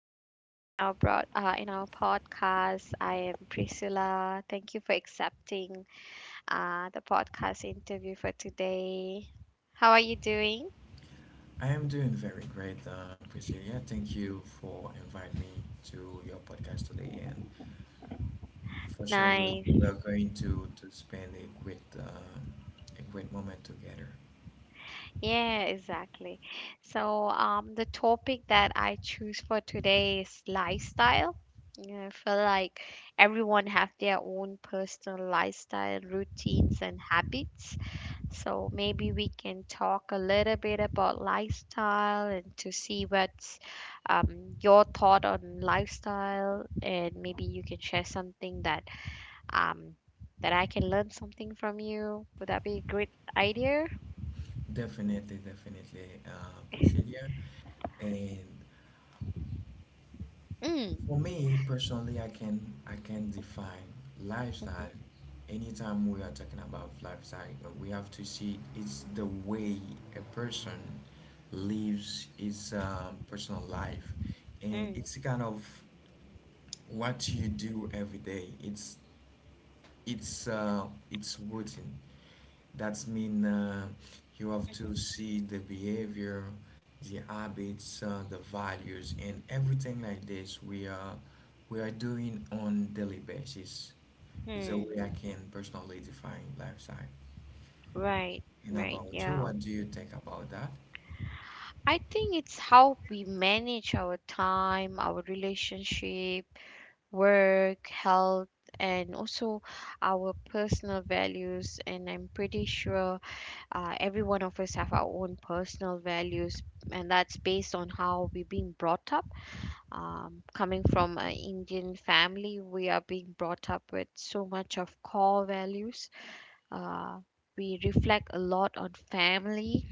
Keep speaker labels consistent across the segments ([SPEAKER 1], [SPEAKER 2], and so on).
[SPEAKER 1] have you here in our in our podcast. I am Priscilla. Thank you for accepting the podcast interview for today. How are you doing?
[SPEAKER 2] I am doing very great, Priscilla. Yeah, thank you for inviting me to your podcast today. And for sure, we're,
[SPEAKER 1] Nice.
[SPEAKER 2] we're going to spend a great moment together.
[SPEAKER 1] Yeah, exactly. So, the topic that I choose for today is lifestyle. You know, I feel like everyone have their own personal lifestyle routines and habits. So maybe we can talk a little bit about lifestyle and to see what's your thought on lifestyle, and maybe you can share something that um, that I can learn something from you. Would that be a great idea?
[SPEAKER 2] Definitely, definitely, Priscilla. And for
[SPEAKER 1] Mm.
[SPEAKER 2] me personally, I can define lifestyle. Anytime we are talking about lifestyle, we have to see it's the way a person lives his personal life, and
[SPEAKER 1] Mm.
[SPEAKER 2] it's kind of what you do every day. It's uh, it's routine. That's mean you have to see the behavior, the habits, the values, and everything like this we are doing on daily basis. It's a
[SPEAKER 1] Hmm.
[SPEAKER 2] way I can personally define lifestyle.
[SPEAKER 1] Right.
[SPEAKER 2] And
[SPEAKER 1] Right.
[SPEAKER 2] about you,
[SPEAKER 1] Yeah.
[SPEAKER 2] what do you think about that?
[SPEAKER 1] I think it's how we manage our time, our relationship, work, health, and also our personal values. And I'm pretty sure every one of us have our own personal values, and that's based on how we're being brought up. Coming from an Indian family, we are being brought up with so much of core values. Uh, we reflect a lot on family,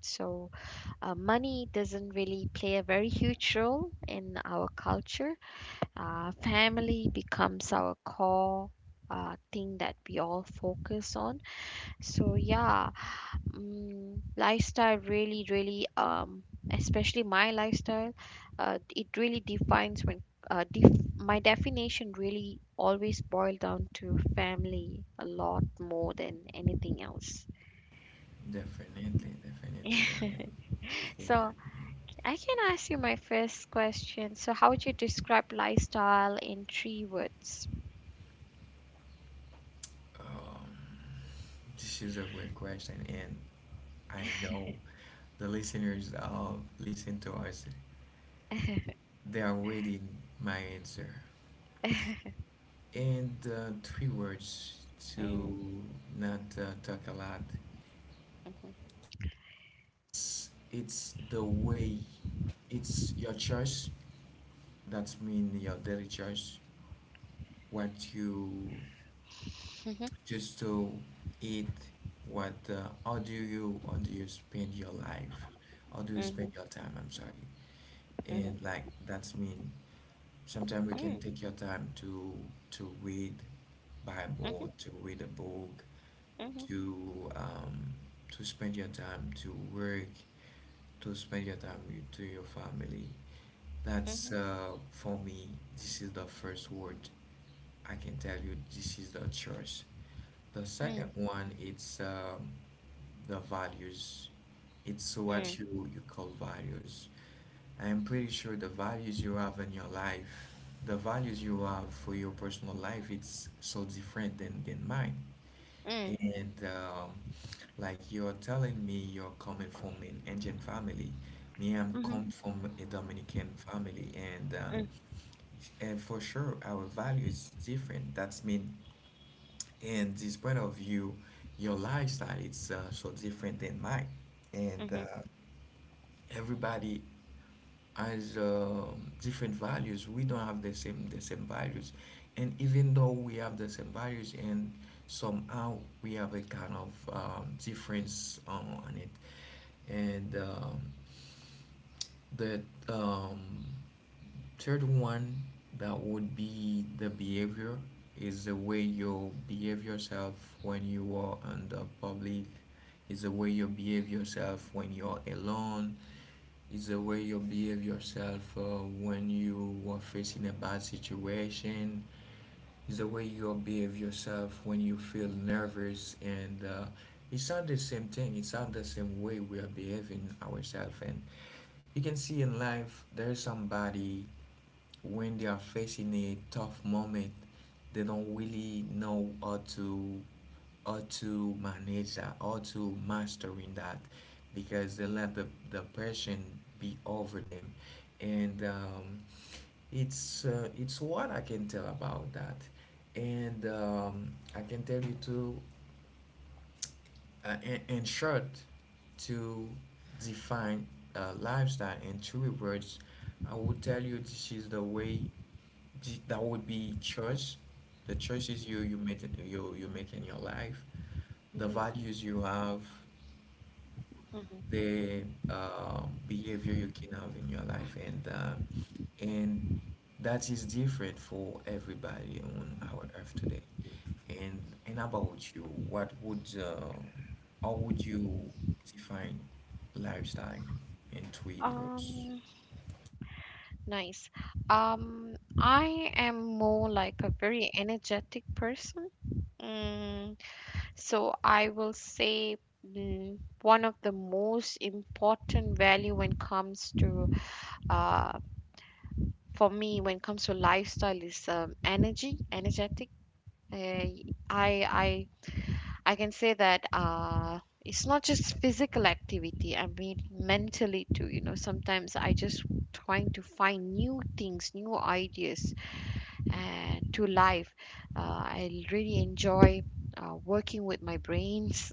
[SPEAKER 1] so money doesn't really play a very huge role in our culture. Family becomes our core thing that we all focus on. So yeah, lifestyle really, especially my lifestyle, it really defines when my definition really always boiled down to family a lot more than anything else.
[SPEAKER 2] Definitely, definitely. I think, yeah.
[SPEAKER 1] So I can ask you my first question. So how would you describe lifestyle in three words?
[SPEAKER 2] Um, this is a great question, and I know the listeners listen to us. They are waiting my answer. And three words to not talk a lot. It's the way. It's your choice. That's mean your daily choice. What you
[SPEAKER 1] Mm.
[SPEAKER 2] just to eat. What how do you spend your life? How do you spend
[SPEAKER 1] Mm,
[SPEAKER 2] your time? I'm sorry. And like that's mean sometimes we can take your time to read
[SPEAKER 1] mhm,
[SPEAKER 2] Bible, to read a book,
[SPEAKER 1] mhm,
[SPEAKER 2] to um, to spend your time to work, to spend your time to your family.
[SPEAKER 1] mhm,
[SPEAKER 2] That's for me. This is the first word I can tell you. This is the choice. The second
[SPEAKER 1] mm,
[SPEAKER 2] one, it's the values. It's
[SPEAKER 1] mm,
[SPEAKER 2] what you call values. I am pretty sure the values you have in your life, the values you have for your personal life, it's so different than mine.
[SPEAKER 1] mm,
[SPEAKER 2] And like you're telling me you're coming from an Indian family. Me, I'm
[SPEAKER 1] mhm,
[SPEAKER 2] come from a Dominican family.
[SPEAKER 1] mm,
[SPEAKER 2] And for sure, our value is different. That's mean, and this point of view, your lifestyle, it's so different than mine. And
[SPEAKER 1] mhm,
[SPEAKER 2] everybody as different values. We don't have the same values, and even though we have the same values, and somehow we have a kind of difference on it. And the um, third one that would be the behavior is the way you behave yourself when you are in the public, is the way you behave yourself when you're alone, it's the way you behave yourself when you are facing a bad situation. It's the way you behave yourself when you feel nervous, and it's not the same thing. It's not the same way we are behaving ourselves. And you can see in life, there's somebody when they are facing a tough moment, they don't really know how to manage that, how to mastering that, because they let the person be over them, and it's what I can tell about that, and I can tell you to, in short, to define lifestyle in three words, I would tell you this is the way that would be choice, the choices you make you make in your life, the
[SPEAKER 1] mhm,
[SPEAKER 2] values you have,
[SPEAKER 1] mhm.
[SPEAKER 2] the uh, behavior you can have in your life, and and that is different for everybody on our earth today. and and about you, what would how would you define lifestyle in three words?
[SPEAKER 1] Um, Nice. I am more like a very energetic person. Mm, so I will say one of the most important value when comes to uh for me when it comes to lifestyle is energy, energetic. Uh, I I I can say that it's not just physical activity. I mean, mentally too. You know, sometimes I just trying to find new things, new ideas to life. I really enjoy working with my brains,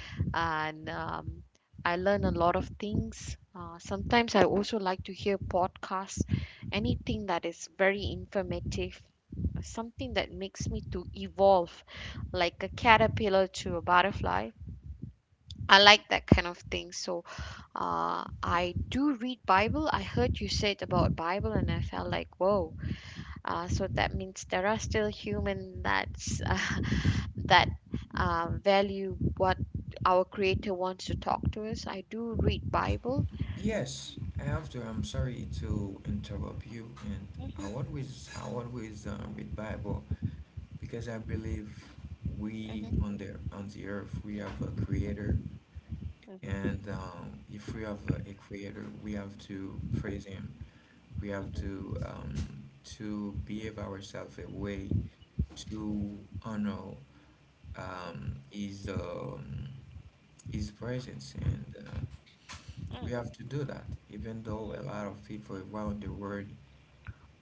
[SPEAKER 1] and I learn a lot of things. Sometimes I also like to hear podcasts, anything that is very informative, something that makes me to evolve like a caterpillar to a butterfly. I like that kind of thing. So I do read Bible. I heard you said about Bible, and I felt like whoa. So that means there are still human that's that value what our Creator wants to talk to us. I do read Bible.
[SPEAKER 2] Yes, after I'm sorry to interrupt you. And
[SPEAKER 1] Mhm,
[SPEAKER 2] I always read Bible because I believe we
[SPEAKER 1] mhm,
[SPEAKER 2] on the earth we have a creator, and if we have a creator, we have to praise him. We have to behave ourselves a way to honor um, his um, his presence and. We have
[SPEAKER 1] mm,
[SPEAKER 2] to do that, even though
[SPEAKER 1] mm,
[SPEAKER 2] a lot of people around the world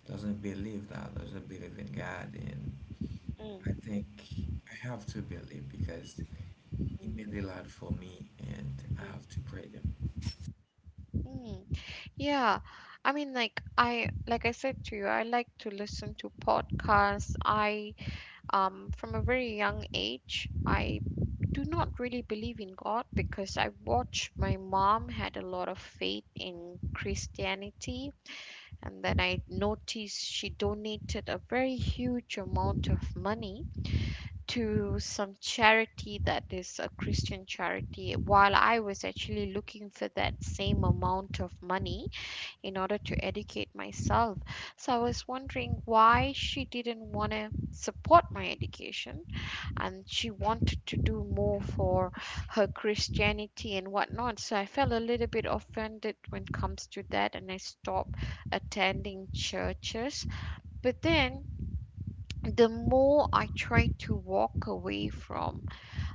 [SPEAKER 2] doesn't believe that, doesn't believe in God. And I
[SPEAKER 1] mm,
[SPEAKER 2] think I have to believe because
[SPEAKER 1] mm,
[SPEAKER 2] he made a lot for me, and I
[SPEAKER 1] mm,
[SPEAKER 2] have to pray them.
[SPEAKER 1] mm. Yeah, I mean, like I said to you, I like to listen to podcasts. I From a very young age, I do not really believe in God because I watched my mom had a lot of faith in Christianity, and then I noticed she donated a very huge amount of money to some charity that is a Christian charity while I was actually looking for that same amount of money in order to educate myself. So I was wondering why she didn't want to support my education and she wanted to do more for her Christianity and whatnot. So I felt a little bit offended when it comes to that, and I stopped attending churches. But then the more I tried to walk away from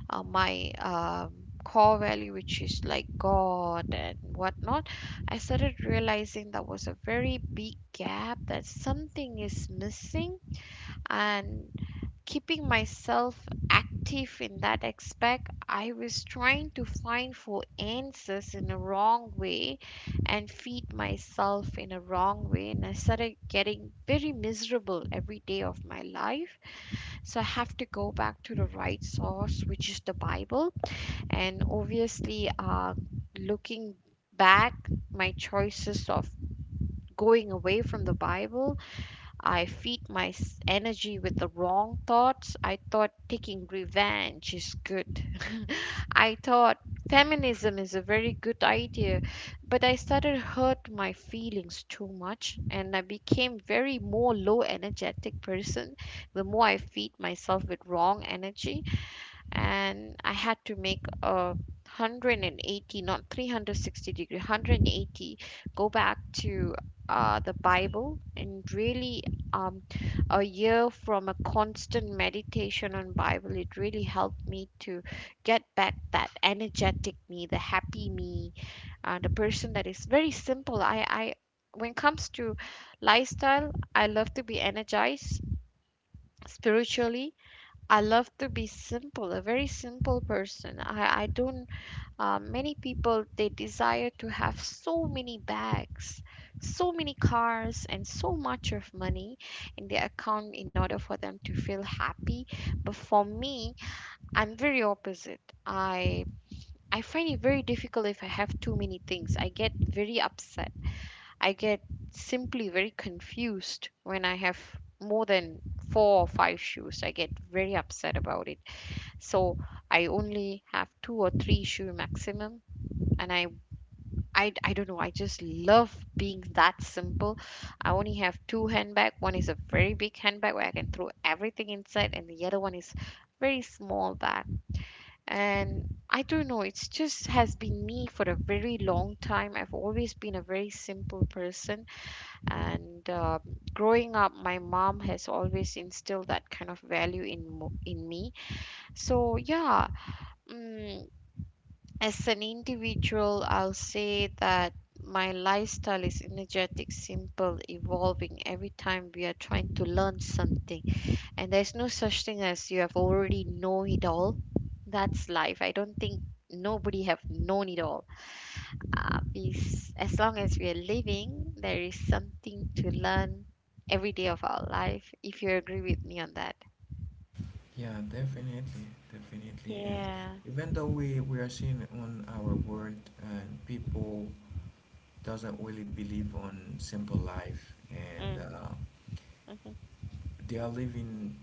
[SPEAKER 1] my core value, which is like God and whatnot, I started realizing that was a very big gap, that something is missing. And keeping myself active in that aspect, I was trying to find for answers in a wrong way and feed myself in a wrong way. And I started getting very miserable every day of my life. So I have to go back to the right source, which is the Bible. And obviously, looking back, my choices of going away from the Bible, I feed my energy with the wrong thoughts. I thought taking revenge is good. I thought feminism is a very good idea, but I started hurt my feelings too much and I became very more low energetic person the more I feed myself with wrong energy. And I had to make a 180, not 360 degree, 180, go back to the Bible and really um, a year from a constant meditation on Bible, it really helped me to get back that energetic me, the happy me, the person that is very simple. I When it comes to lifestyle, I love to be energized spiritually. I love to be simple, a very simple person. I don't, Many people they desire to have so many bags, so many cars, and so much of money in their account in order for them to feel happy. But for me, I'm very opposite. I I find it very difficult if I have too many things. I get very upset. I get simply very confused when I have more than four or five shoes. I get very upset about it, so I only have two or three shoe maximum. And I don't know, I just love being that simple. I only have two handbag, one is a very big handbag where I can throw everything inside, and the other one is very small bag. And I don't know, it's just has been me for a very long time. I've always been a very simple person. And growing up my mom has always instilled that kind of value in in me. So yeah, mm as an individual, I'll say that my lifestyle is energetic, simple, evolving, every time we are trying to learn something. And there's no such thing as you have already know it all. That's life. I don't think nobody have known it all. As long as we are living, there is something to learn every day of our life. If you agree with me on that.
[SPEAKER 2] Yeah, definitely, definitely. And
[SPEAKER 1] Yeah.
[SPEAKER 2] even though we are seeing on our world and people doesn't really believe on simple life, and
[SPEAKER 1] Mm. Mm-hmm.
[SPEAKER 2] they are living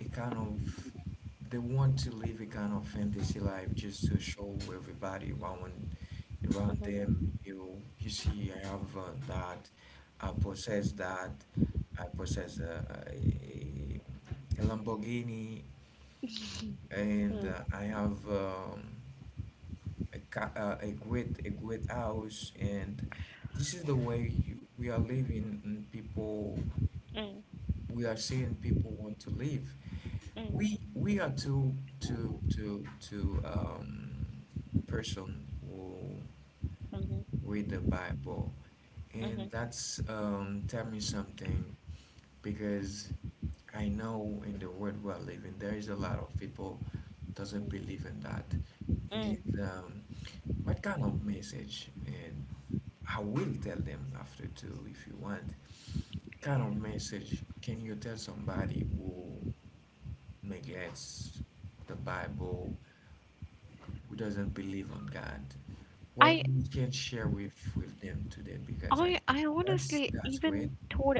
[SPEAKER 2] a kind of, they want to live a kind of fantasy life just to show everybody around them.
[SPEAKER 1] Mm-hmm.
[SPEAKER 2] you you see I have that I possess a Lamborghini, and
[SPEAKER 1] Mm.
[SPEAKER 2] I have a great house, and this is the way you, we are living and people,
[SPEAKER 1] Mm.
[SPEAKER 2] we are seeing people want to live.
[SPEAKER 1] Mm.
[SPEAKER 2] We are two person who
[SPEAKER 1] Mm-hmm.
[SPEAKER 2] read the Bible, and
[SPEAKER 1] Mm-hmm.
[SPEAKER 2] that's tell me something because I know in the world we are living there is a lot of people doesn't believe in that. And
[SPEAKER 1] Mm-hmm.
[SPEAKER 2] what kind of message, and I will tell them after too if you want, kind of message can you tell somebody who neglects the Bible, who doesn't believe on God, what
[SPEAKER 1] I
[SPEAKER 2] we can share with them today because I,
[SPEAKER 1] I honestly
[SPEAKER 2] that's
[SPEAKER 1] even
[SPEAKER 2] great.
[SPEAKER 1] thought,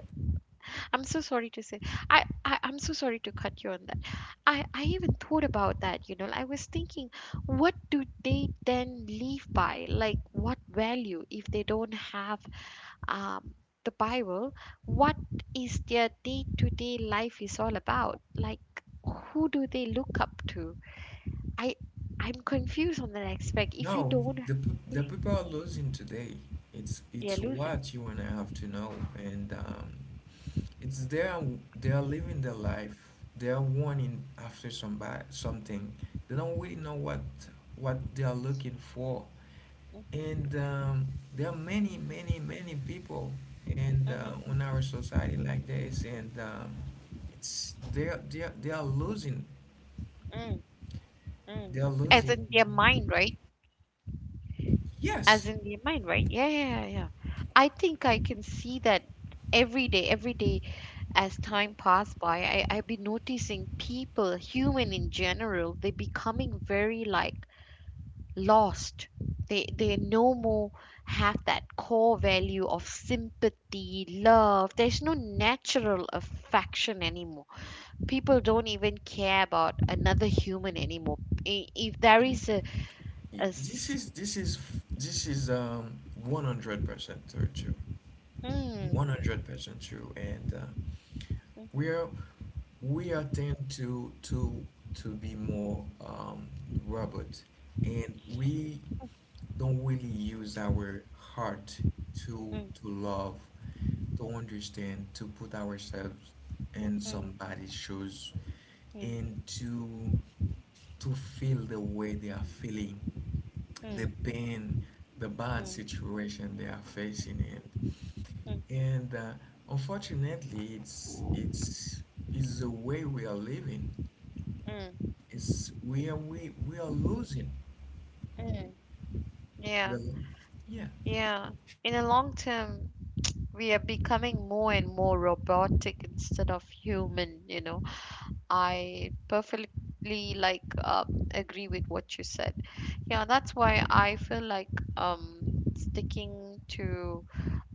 [SPEAKER 1] I'm so sorry to say, I'm so sorry to cut you on that. I even thought about that, you know, like, I was thinking, what do they then live by? Like what value if they don't have um the Bible? What is their day-to-day life is all about? Like who do they look up to? I I'm confused on that aspect. If
[SPEAKER 2] Now
[SPEAKER 1] you don't,
[SPEAKER 2] the people are losing today.
[SPEAKER 1] they're
[SPEAKER 2] It's
[SPEAKER 1] losing.
[SPEAKER 2] what you and I have to know, and it's they are living their life. They are wanting after somebody something. They don't really know what they are looking for.
[SPEAKER 1] hmm
[SPEAKER 2] And there are many people and on our society like this, and it's they are losing,
[SPEAKER 1] hmm Mm.
[SPEAKER 2] they are
[SPEAKER 1] As
[SPEAKER 2] losing.
[SPEAKER 1] in their mind, right? As
[SPEAKER 2] Yes,
[SPEAKER 1] in their mind, right? Yeah, yeah, yeah. Yeah. I think I can see that every day as time passed by, I, I've been noticing people, human in general, they're becoming very like lost. They no more have that core value of sympathy, love. There's no natural affection anymore. People don't even care about another human anymore. If there is
[SPEAKER 2] i-
[SPEAKER 1] a
[SPEAKER 2] this
[SPEAKER 1] s-
[SPEAKER 2] is this is this is 100% true.
[SPEAKER 1] hmm,
[SPEAKER 2] 100% true. And
[SPEAKER 1] Mhm,
[SPEAKER 2] we are we are tend to to be more robot, and we don't really use our heart to
[SPEAKER 1] mm,
[SPEAKER 2] love, to understand, to put ourselves in
[SPEAKER 1] Hmm.
[SPEAKER 2] somebody's shoes
[SPEAKER 1] mm,
[SPEAKER 2] and to feel the way they are feeling, the
[SPEAKER 1] Hmm.
[SPEAKER 2] pain, the bad
[SPEAKER 1] mm,
[SPEAKER 2] situation they are facing in.
[SPEAKER 1] Hmm.
[SPEAKER 2] And Unfortunately, it's the way we are living.
[SPEAKER 1] mm,
[SPEAKER 2] It's we are losing.
[SPEAKER 1] mm. Yeah,
[SPEAKER 2] Really? Yeah.
[SPEAKER 1] yeah. In the long term, we are becoming more and more robotic instead of human, you know. I perfectly agree with what you said. Yeah, that's why I feel like sticking to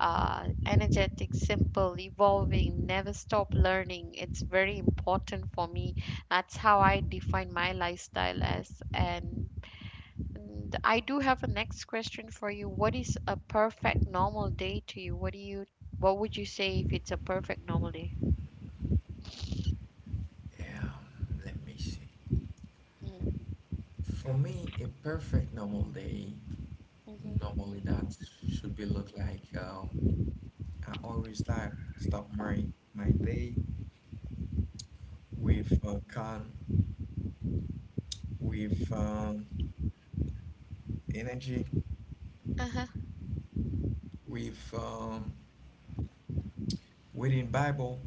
[SPEAKER 1] energetic, simple, evolving, never stop learning. It's very important for me. That's how I define my lifestyle as. And I do have a next question for you. What is a perfect normal day to you? What would you say if it's a perfect normal day?
[SPEAKER 2] Let me see.
[SPEAKER 1] Mm,
[SPEAKER 2] For me, a perfect normal day
[SPEAKER 1] Mm-hmm.
[SPEAKER 2] normally that should be look like, I always start my my day with calm, with energy,
[SPEAKER 1] Uh-huh.
[SPEAKER 2] with reading Bible,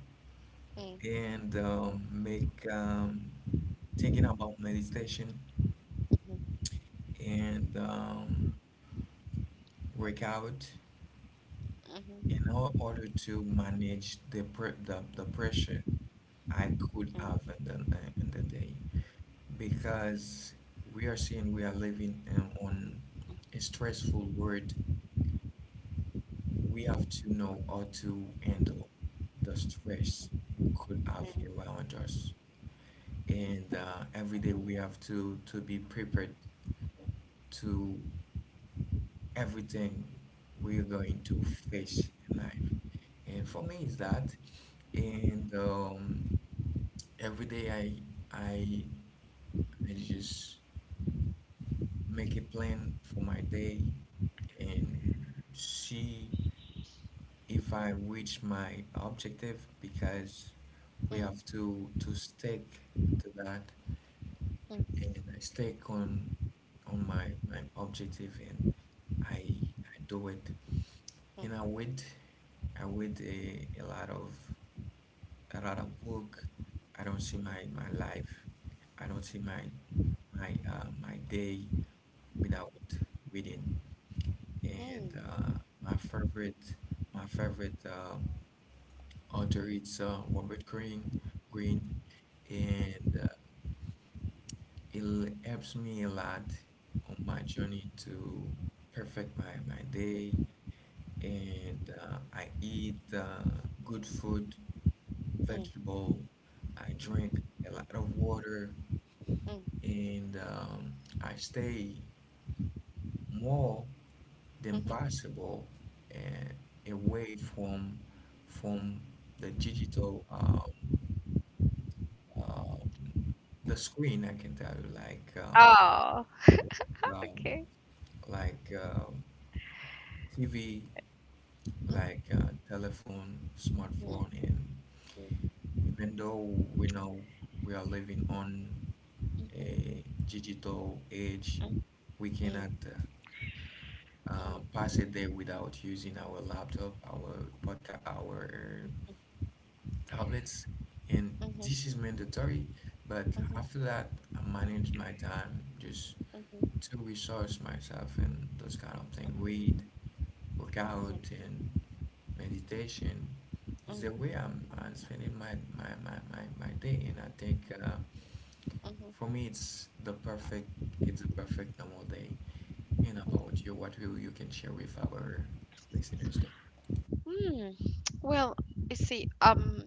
[SPEAKER 1] Mm-hmm.
[SPEAKER 2] and make thinking about meditation, and workout in
[SPEAKER 1] mm-hmm.
[SPEAKER 2] order to manage the, the pressure I
[SPEAKER 1] Oh,
[SPEAKER 2] could have
[SPEAKER 1] Hmm.
[SPEAKER 2] in the day, because we are seeing we are living on a stressful world. We have to know how to handle the stress we could have around us, and every day we have to be prepared to everything we're going to face in life. And for me, is that, and every day I I just make a plan for my day, and see if I reach my objective because we have to stick to that, and I stick on my, my objective, and I do it. And I read a lot of book. I don't see my, my life I don't see my my my day without reading. And my favorite my favorite author is Robert Greene Green, and it helps me a lot on my journey to perfect my day. And I eat good food, vegetable. I drink a lot of water, and I stay more the impossible away from from the digital um, the screen. I can tell you like uh, um, like uh, TV, like telephone, smartphone. And even though we know we are living on a digital age, we cannot pass a day without using our laptop, our podcast, our tablets, and this is mandatory. But after that, I manage my time just to resource myself, and those kind of things: read, workout, and meditation is the way I'm spending my day. And I think for me, it's the perfect it's a perfect normal day. And about you, what will you can share with our listeners? Though?
[SPEAKER 1] Well, you see,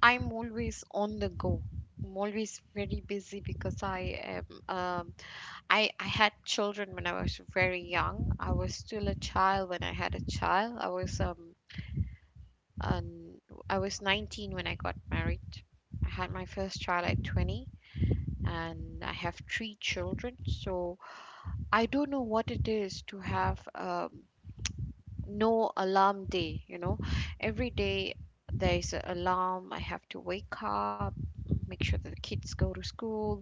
[SPEAKER 1] I'm always on the go. I'm always very busy because I am. Um, I had children when I was very young. I was still a child when I had a child. I was an, I was 19 when I got married. I had my first child at 20. And I have three children. So I don't know what it is to have no alarm day. You know, every day there is an alarm. I have to wake up, make sure that the kids go to school.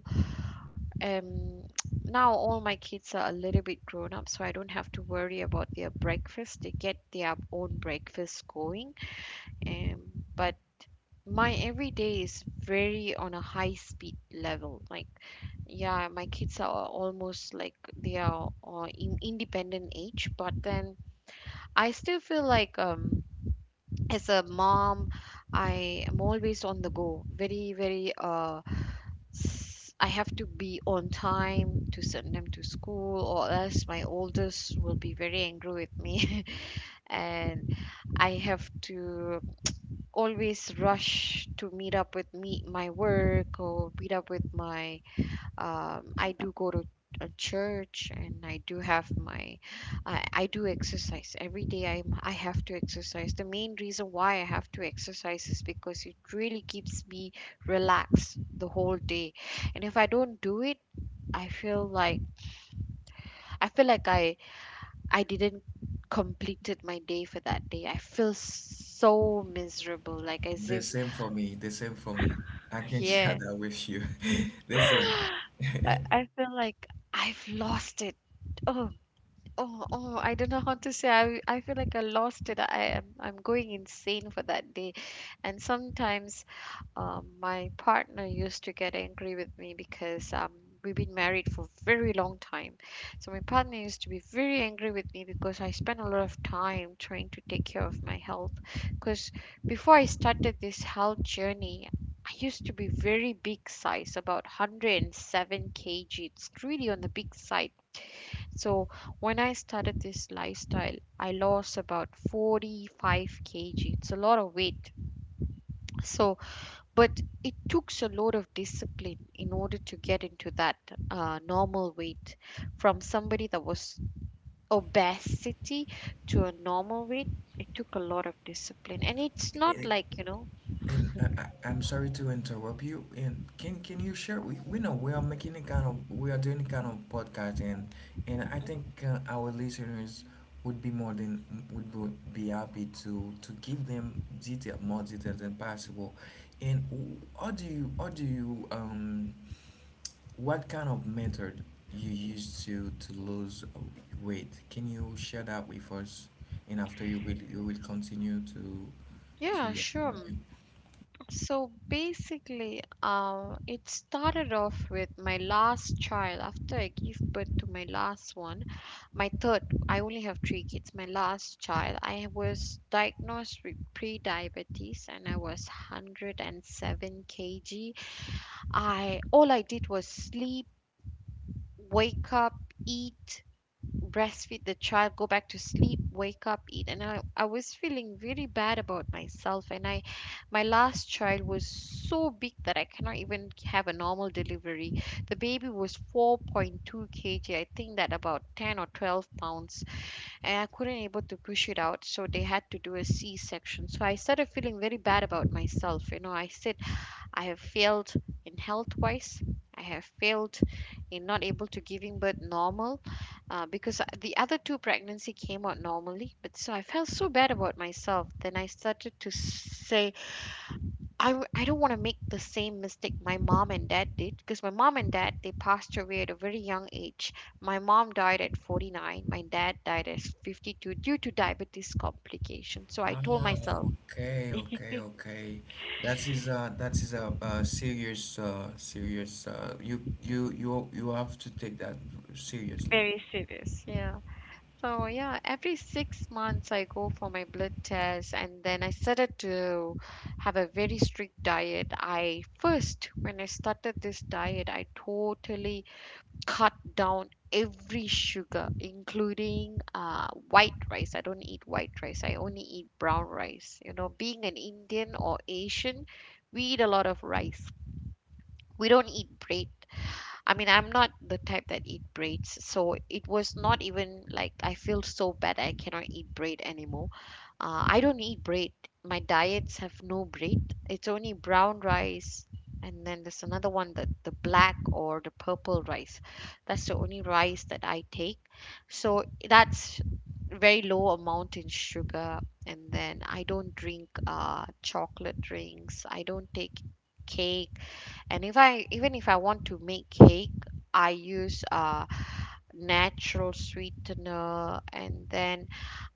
[SPEAKER 1] Um, Now all my kids are a little bit grown up, so I don't have to worry about their breakfast. They get their own breakfast going. Um, but my everyday is very on a high speed level, like, yeah, my kids are almost like they are, in independent age. But then I still feel like, as a mom, I am always on the go. Very, very I have to be on time to send them to school, or else my oldest will be very angry with me. And I have to always rush to meet up with me my work, or meet up with my... I do go to a church, and I do have my... I do exercise every day. I have to exercise. The main reason why I have to exercise is because it really keeps me relaxed the whole day. And if I don't do it, i feel like I feel like I didn't completed my day for that day. I feel so miserable, like as
[SPEAKER 2] The
[SPEAKER 1] if...
[SPEAKER 2] same for me. The same for me. I can share
[SPEAKER 1] Yeah.
[SPEAKER 2] that with you. The same.
[SPEAKER 1] I feel like I've lost it. Oh, oh, I don't know how to say. I feel like I lost it. I'm going insane for that day. And sometimes, my partner used to get angry with me because, we've been married for a very long time. So my partner used to be very angry with me because I spent a lot of time trying to take care of my health. Because before I started this health journey, I used to be very big size, about 107 kg. It's really on the big side. So when I started this lifestyle, I lost about 45 kg. It's a lot of weight. So, but it took a lot of discipline in order to get into that, normal weight, from somebody that was obesity to a normal weight. It took a lot of discipline, and it's not like.
[SPEAKER 2] And I'm sorry to interrupt you. And can you share? We know we are making a kind of, we are doing a kind of podcast, and I think our listeners would be more than would be happy to give them detail, more detail than possible. And how do you what kind of method you use to lose weight? Can you share that with us? And after you will continue to
[SPEAKER 1] Yeah,
[SPEAKER 2] your.
[SPEAKER 1] sure. So basically, it started off with my last child. After I gave birth to my last one, my third, I only have three kids. My last child, I was diagnosed with pre-diabetes and I was 107 kg. I All I did was sleep, wake up, eat, breastfeed the child, go back to sleep, wake up, eat. And I was feeling really bad about myself. My last child was so big that I cannot even have a normal delivery. The baby was 4.2 kg. I think that about 10 or 12 pounds. And I couldn't able to push it out. So they had to do a C-section. So I started feeling very bad about myself. You know, I said, I have failed in health wise. I have failed in not able to giving birth normal, because, the other two pregnancy came out normally. But so I felt so bad about myself. Then I started to say, I don't want to make the same mistake my mom and dad did, because my mom and dad, they passed away at a very young age. My mom died at 49. My dad died at 52 due to diabetes complications. So I
[SPEAKER 2] Ah,
[SPEAKER 1] told myself...
[SPEAKER 2] okay, okay, okay. That is a serious serious you have to take that seriously.
[SPEAKER 1] Very serious. Yeah. So yeah, every 6 months I go for my blood test. And then I started to have a very strict diet. When I started this diet, I totally cut down every sugar, including, white rice. I don't eat white rice. I only eat brown rice. You know, being an Indian or Asian, we eat a lot of rice. We don't eat bread. I mean, I'm not the type that eat braids, so it was not even like I feel so bad I cannot eat braid anymore. I don't eat braid. My diets have no braid. It's only brown rice, and then there's another one, that the black or the purple rice. That's the only rice that I take. So that's very low amount in sugar. And then I don't drink, chocolate drinks. I don't take cake. And if I even if I want to make cake, I use, natural sweetener. And then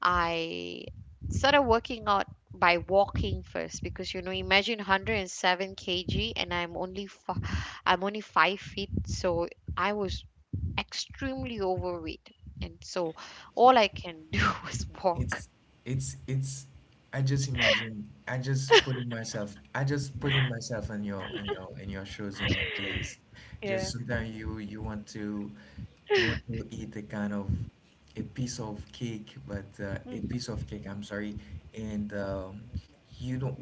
[SPEAKER 1] I started working out by walking first, because you know, imagine 107 kg, and I'm only 5 feet. So I was extremely overweight. And so all I can do was walk.
[SPEAKER 2] It's it's I just putting myself in your in your in your shoes in your place.
[SPEAKER 1] Yeah.
[SPEAKER 2] Just sometimes you want to eat a kind of a piece of cake, but a
[SPEAKER 1] Mm.
[SPEAKER 2] piece of cake, I'm sorry, and you don't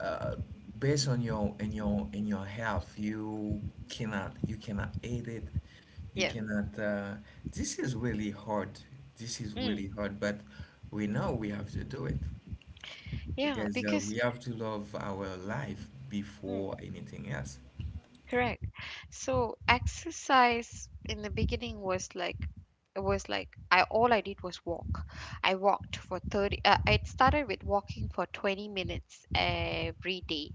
[SPEAKER 2] uh, based on your health, you cannot eat it, you
[SPEAKER 1] Yeah.
[SPEAKER 2] cannot. This is really hard. This is really
[SPEAKER 1] Mm.
[SPEAKER 2] hard, but we know we have to do it
[SPEAKER 1] Yeah,
[SPEAKER 2] because
[SPEAKER 1] because...
[SPEAKER 2] we have to love our life
[SPEAKER 1] Mm.
[SPEAKER 2] before anything else.
[SPEAKER 1] Correct. So exercise in the beginning was like, I all I did was walk. I started with walking for 20 minutes every day.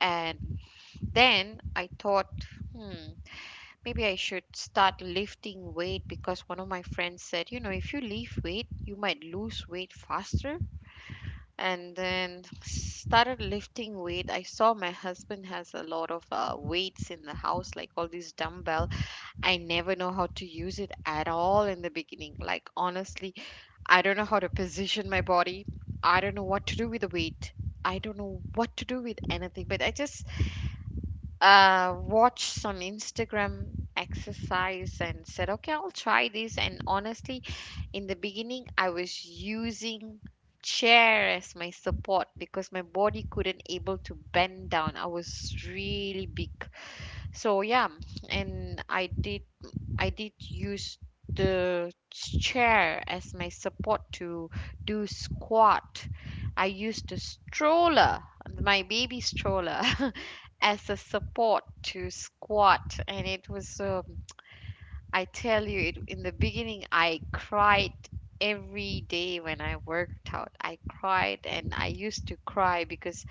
[SPEAKER 1] And then I thought, hmm maybe I should start lifting weight, because one of my friends said, you know, if you lift weight, you might lose weight faster. And then started lifting weight. I saw my husband has a lot of, weights in the house, like all these dumbbells. I never know how to use it at all in the beginning. Like, honestly, I don't know how to position my body. I don't know what to do with the weight. I don't know what to do with anything. But I just, watched some Instagram exercise and said, okay, I'll try this. And honestly, in the beginning, I was using chair as my support because my body couldn't able to bend down. I was really big. So yeah, and I did use the chair as my support to do squat. I used the stroller, my baby stroller, as a support to squat. And it was, I tell you, in the beginning, I cried every day when I worked out. I cried, and I used to cry because,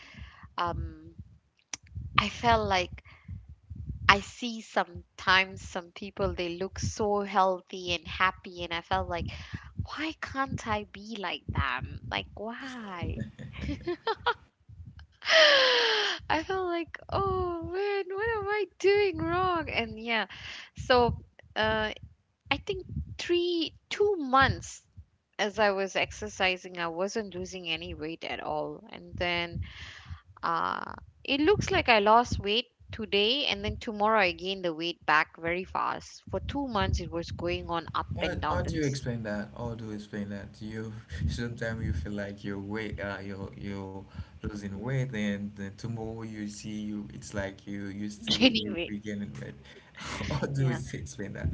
[SPEAKER 1] um, I felt like... I see sometimes some people they look so healthy and happy, and I felt like, why can't I be like them? Like, why? I felt like, oh man, what am I doing wrong? And yeah, so, uh, I think 2 months as I was exercising, I wasn't losing any weight at all. And then, uh, it looks like I lost weight today, and then tomorrow I gained the weight back very fast. For 2 months, it was going on up
[SPEAKER 2] How,
[SPEAKER 1] and
[SPEAKER 2] how
[SPEAKER 1] down
[SPEAKER 2] do you
[SPEAKER 1] this
[SPEAKER 2] explain that? How do you explain that? You sometimes you feel like you're losing weight, and tomorrow you see, it's like you you still
[SPEAKER 1] gaining
[SPEAKER 2] you
[SPEAKER 1] weight.
[SPEAKER 2] regaining weight. How do you
[SPEAKER 1] Yeah.
[SPEAKER 2] explain that?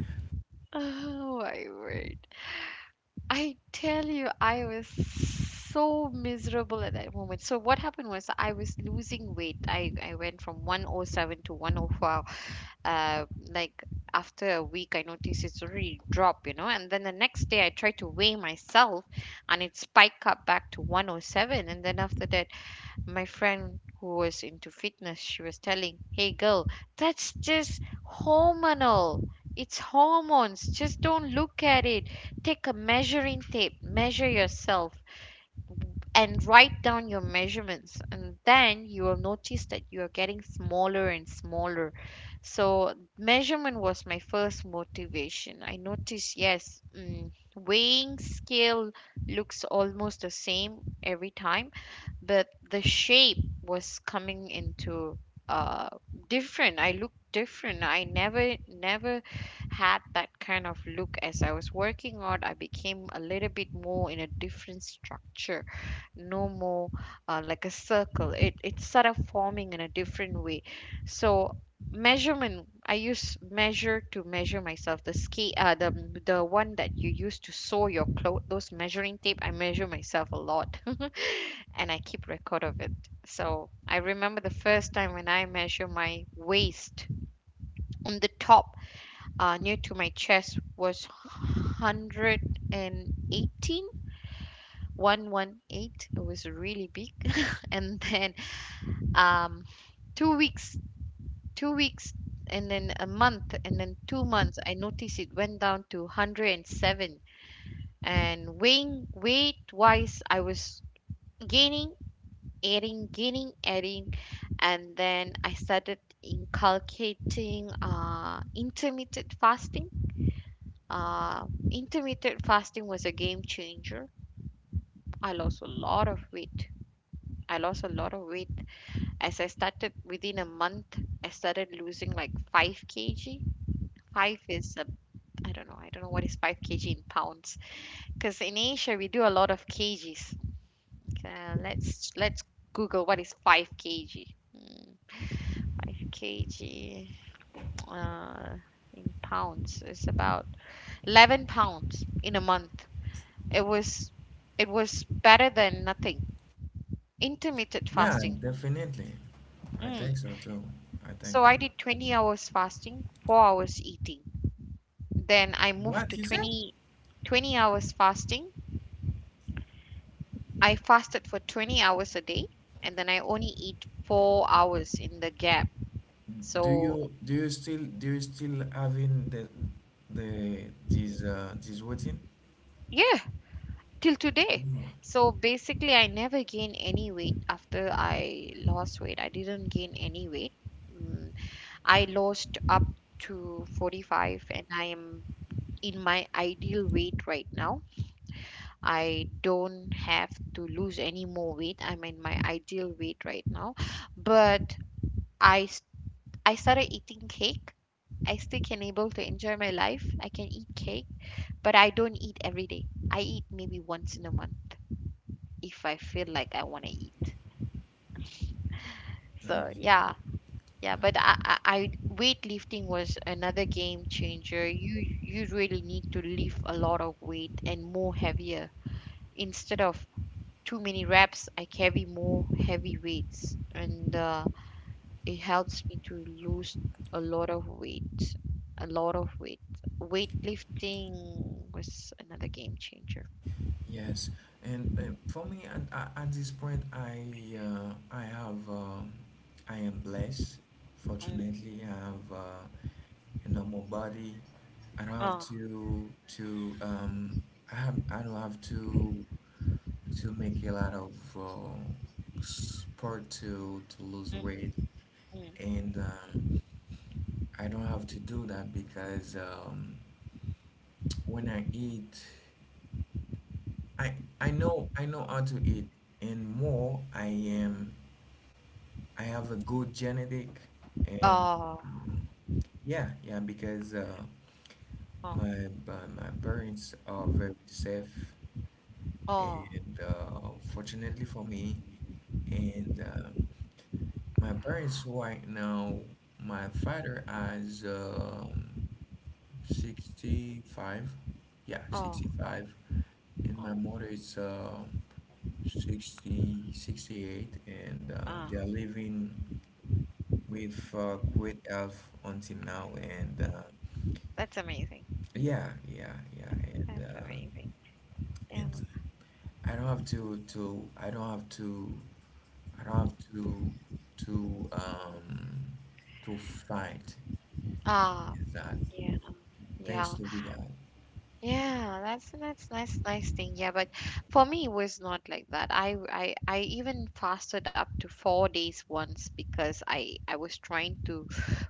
[SPEAKER 1] Oh my word. I tell you, I was so miserable at that moment. So what happened was, I was losing weight. I went from 107 to 104. Like, after a week, I noticed it's already drop. And then the next day, I tried to weigh myself, and it spiked up back to 107. And then after that, my friend who was into fitness, she was telling, hey girl, that's just hormonal, it's hormones, just don't look at it, take a measuring tape, measure yourself, and write down your measurements, and then you will notice that you are getting smaller and smaller. So measurement was my first motivation. I noticed, yes, weighing scale looks almost the same every time, but the shape was coming into, uh different. I looked different. I never, never had that kind of look. As I was working out, I became a little bit more in a different structure. No more, like a circle. It started forming in a different way. So measurement, I use measure to measure myself. The ski uh, the the one that you use to sew your clothes, those measuring tape. I measure myself a lot and I keep record of it. So I remember the first time when I measure my waist on the top, near to my chest was 118, 118. It was really big. And then, um two weeks 2 weeks, and then a month, and then 2 months, I noticed it went down to 107. And weighing weight wise, I was gaining, adding, gaining, adding. And then I started inculcating, intermittent fasting. uh, Intermittent fasting was a game changer. I lost a lot of weight. I lost a lot of weight. As I started, within a month, I started losing like 5 kg. 5 is, a, I don't know, what is 5 kg in pounds. Because in Asia, we do a lot of kgs. Let's Google what is 5 kg. Hmm, 5 kg, uh, in pounds is about 11 pounds in a month. It was, it was better than nothing. Intermittent
[SPEAKER 2] Yeah,
[SPEAKER 1] fasting.
[SPEAKER 2] definitely. I
[SPEAKER 1] Mm.
[SPEAKER 2] think so too. I think.
[SPEAKER 1] So I did 20 hours fasting, 4 hours eating. Then I moved to
[SPEAKER 2] What you say?
[SPEAKER 1] 20 hours fasting. I fasted for 20 hours a day, and then I only eat 4 hours in the gap.
[SPEAKER 2] Do
[SPEAKER 1] So,
[SPEAKER 2] you do you still do you still having the this this routine?
[SPEAKER 1] yeah, till today.
[SPEAKER 2] No.
[SPEAKER 1] So basically, I never gained any weight after I lost weight. I didn't gain any weight. Mm, I lost up to 45, and I am in my ideal weight right now. I don't have to lose any more weight. I'm in my ideal weight right now. But I st- I started eating cake. I still can able to enjoy my life. I can eat cake, but I don't eat every day. I eat maybe once in a month if I feel like I want to eat. So
[SPEAKER 2] Last year.
[SPEAKER 1] yeah, yeah. But I weightlifting was another game changer. You really need to lift a lot of weight, and more heavier instead of too many reps. I carry more heavy weights and. It helps me to lose a lot of weight, a lot of weight. Weightlifting was another game changer.
[SPEAKER 2] Yes, and for me at this point, I am blessed.
[SPEAKER 1] Mm.
[SPEAKER 2] Fortunately, I have a normal body. I don't have
[SPEAKER 1] Oh.
[SPEAKER 2] to to um I don't have to make a lot of sport to lose
[SPEAKER 1] Mm.
[SPEAKER 2] weight.
[SPEAKER 1] Mm.
[SPEAKER 2] And I don't have to do that because when I eat, I I know how to eat, and more I have a good genetic, and
[SPEAKER 1] Oh.
[SPEAKER 2] mm, yeah, yeah, because
[SPEAKER 1] Oh.
[SPEAKER 2] my parents are very safe,
[SPEAKER 1] Oh,
[SPEAKER 2] and fortunately for me, and my parents right now, my father has. 65, yeah,
[SPEAKER 1] oh,
[SPEAKER 2] 65, and
[SPEAKER 1] oh,
[SPEAKER 2] my mother is sixty eight, and
[SPEAKER 1] ah,
[SPEAKER 2] they are living with great health until now, and
[SPEAKER 1] that's amazing.
[SPEAKER 2] yeah, yeah, yeah,
[SPEAKER 1] That's
[SPEAKER 2] and um
[SPEAKER 1] amazing. Yeah.
[SPEAKER 2] and I don't have to I don't have to to um to fight
[SPEAKER 1] Ah.
[SPEAKER 2] with that.
[SPEAKER 1] Yeah. Yeah.
[SPEAKER 2] Thanks to be God.
[SPEAKER 1] Yeah, that's nice thing. Yeah, but for me it was not like that. I even fasted up to 4 days once because I was trying to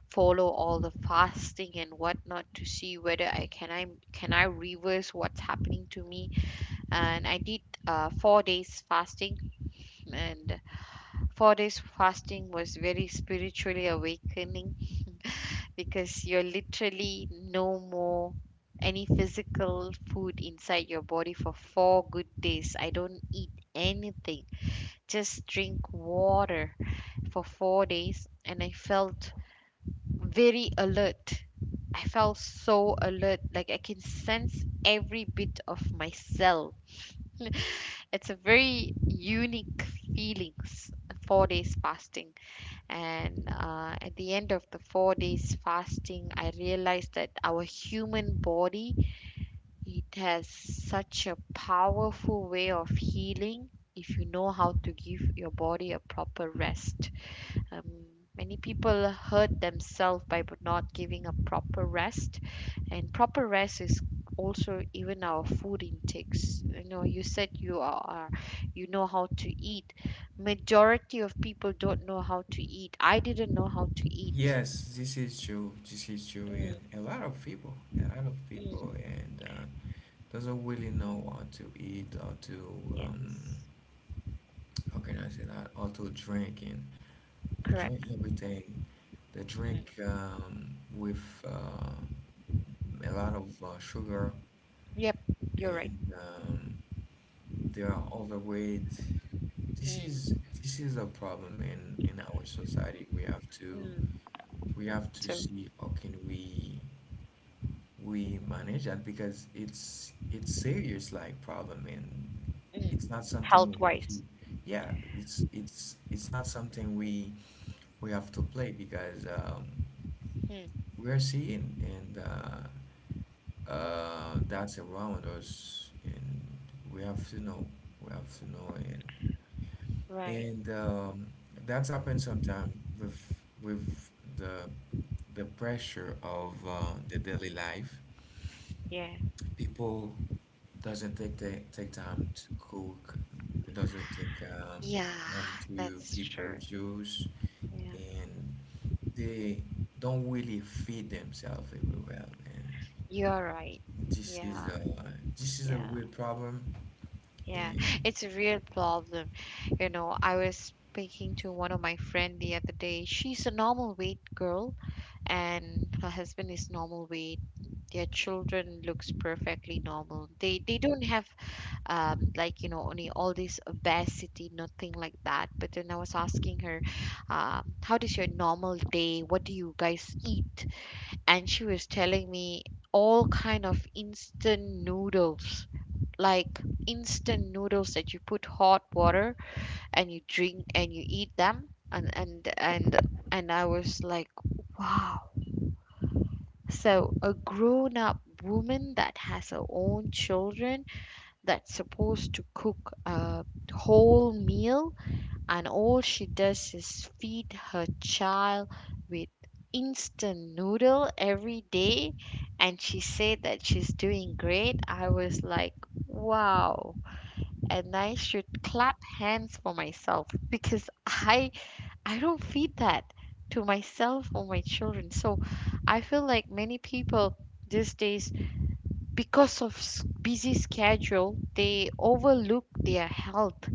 [SPEAKER 1] follow all the fasting and whatnot to see whether I can I can I reverse what's happening to me. And I did 4 days fasting, and 4 days fasting was very spiritually awakening because you're literally no more any physical food inside your body for four good days. I don't eat anything, just drink water for 4 days, and I felt very alert. I felt so alert, like I can sense every bit of myself. It's a very unique feelings, 4 days fasting. And at the end of the 4 days fasting, I realized that our human body, it has such a powerful way of healing if you know how to give your body a proper rest. Um, many people hurt themselves by not giving a proper rest, and proper rest is also even our food intakes. You know, you said you are, you know how to eat. Majority of people don't know how to eat. I didn't know how to eat.
[SPEAKER 2] Yes, this is true. This is true,
[SPEAKER 1] Mm,
[SPEAKER 2] and a lot of people, a lot of people,
[SPEAKER 1] mm,
[SPEAKER 2] and doesn't really know what to eat or to um,
[SPEAKER 1] yes,
[SPEAKER 2] how can I say that, or to drink, and they drink
[SPEAKER 1] correct.
[SPEAKER 2] everything. They
[SPEAKER 1] Mm.
[SPEAKER 2] drink with uh, a lot of sugar,
[SPEAKER 1] Yep, you're right.
[SPEAKER 2] and they are overweight. This
[SPEAKER 1] Mm.
[SPEAKER 2] is this is a problem in our society. We have to
[SPEAKER 1] Mm.
[SPEAKER 2] we have to
[SPEAKER 1] So
[SPEAKER 2] see how can we. We manage that because it's serious like problem, and
[SPEAKER 1] mm.
[SPEAKER 2] it's not something
[SPEAKER 1] Health
[SPEAKER 2] we have to,
[SPEAKER 1] wise.
[SPEAKER 2] yeah, it's not something we have to play because
[SPEAKER 1] Mm.
[SPEAKER 2] we are seeing, and that's around us, and we have to know, we have to know and
[SPEAKER 1] Right.
[SPEAKER 2] and that's happened sometimes with the the pressure of the daily life.
[SPEAKER 1] Yeah.
[SPEAKER 2] People doesn't take time to cook. It doesn't take
[SPEAKER 1] Yeah,
[SPEAKER 2] time to
[SPEAKER 1] that's
[SPEAKER 2] prepare
[SPEAKER 1] true.
[SPEAKER 2] juice,
[SPEAKER 1] Yeah.
[SPEAKER 2] and they don't really feed themselves very well. And
[SPEAKER 1] You're right.
[SPEAKER 2] this
[SPEAKER 1] Yeah,
[SPEAKER 2] is a this is a
[SPEAKER 1] yeah,
[SPEAKER 2] real problem.
[SPEAKER 1] yeah.
[SPEAKER 2] And
[SPEAKER 1] It's a real problem. You know, I was speaking to one of my friend the other day. She's a normal weight girl and her husband is normal weight. Their children looks perfectly normal. They don't have like any all this obesity, nothing like that. But then I was asking her, how does your normal day? What do you guys eat? And she was telling me all kind of instant noodles like instant noodles that you put hot water and you drink and you eat them and and I was like wow, so a grown up woman that has her own children that's supposed to cook a whole meal, and all she does is feed her child with instant noodle every day, and she said that she's doing great. I was like wow, and I should clap hands for myself because I don't feed that to myself or my children. So I feel like many people these days, because of busy schedule, they overlook their health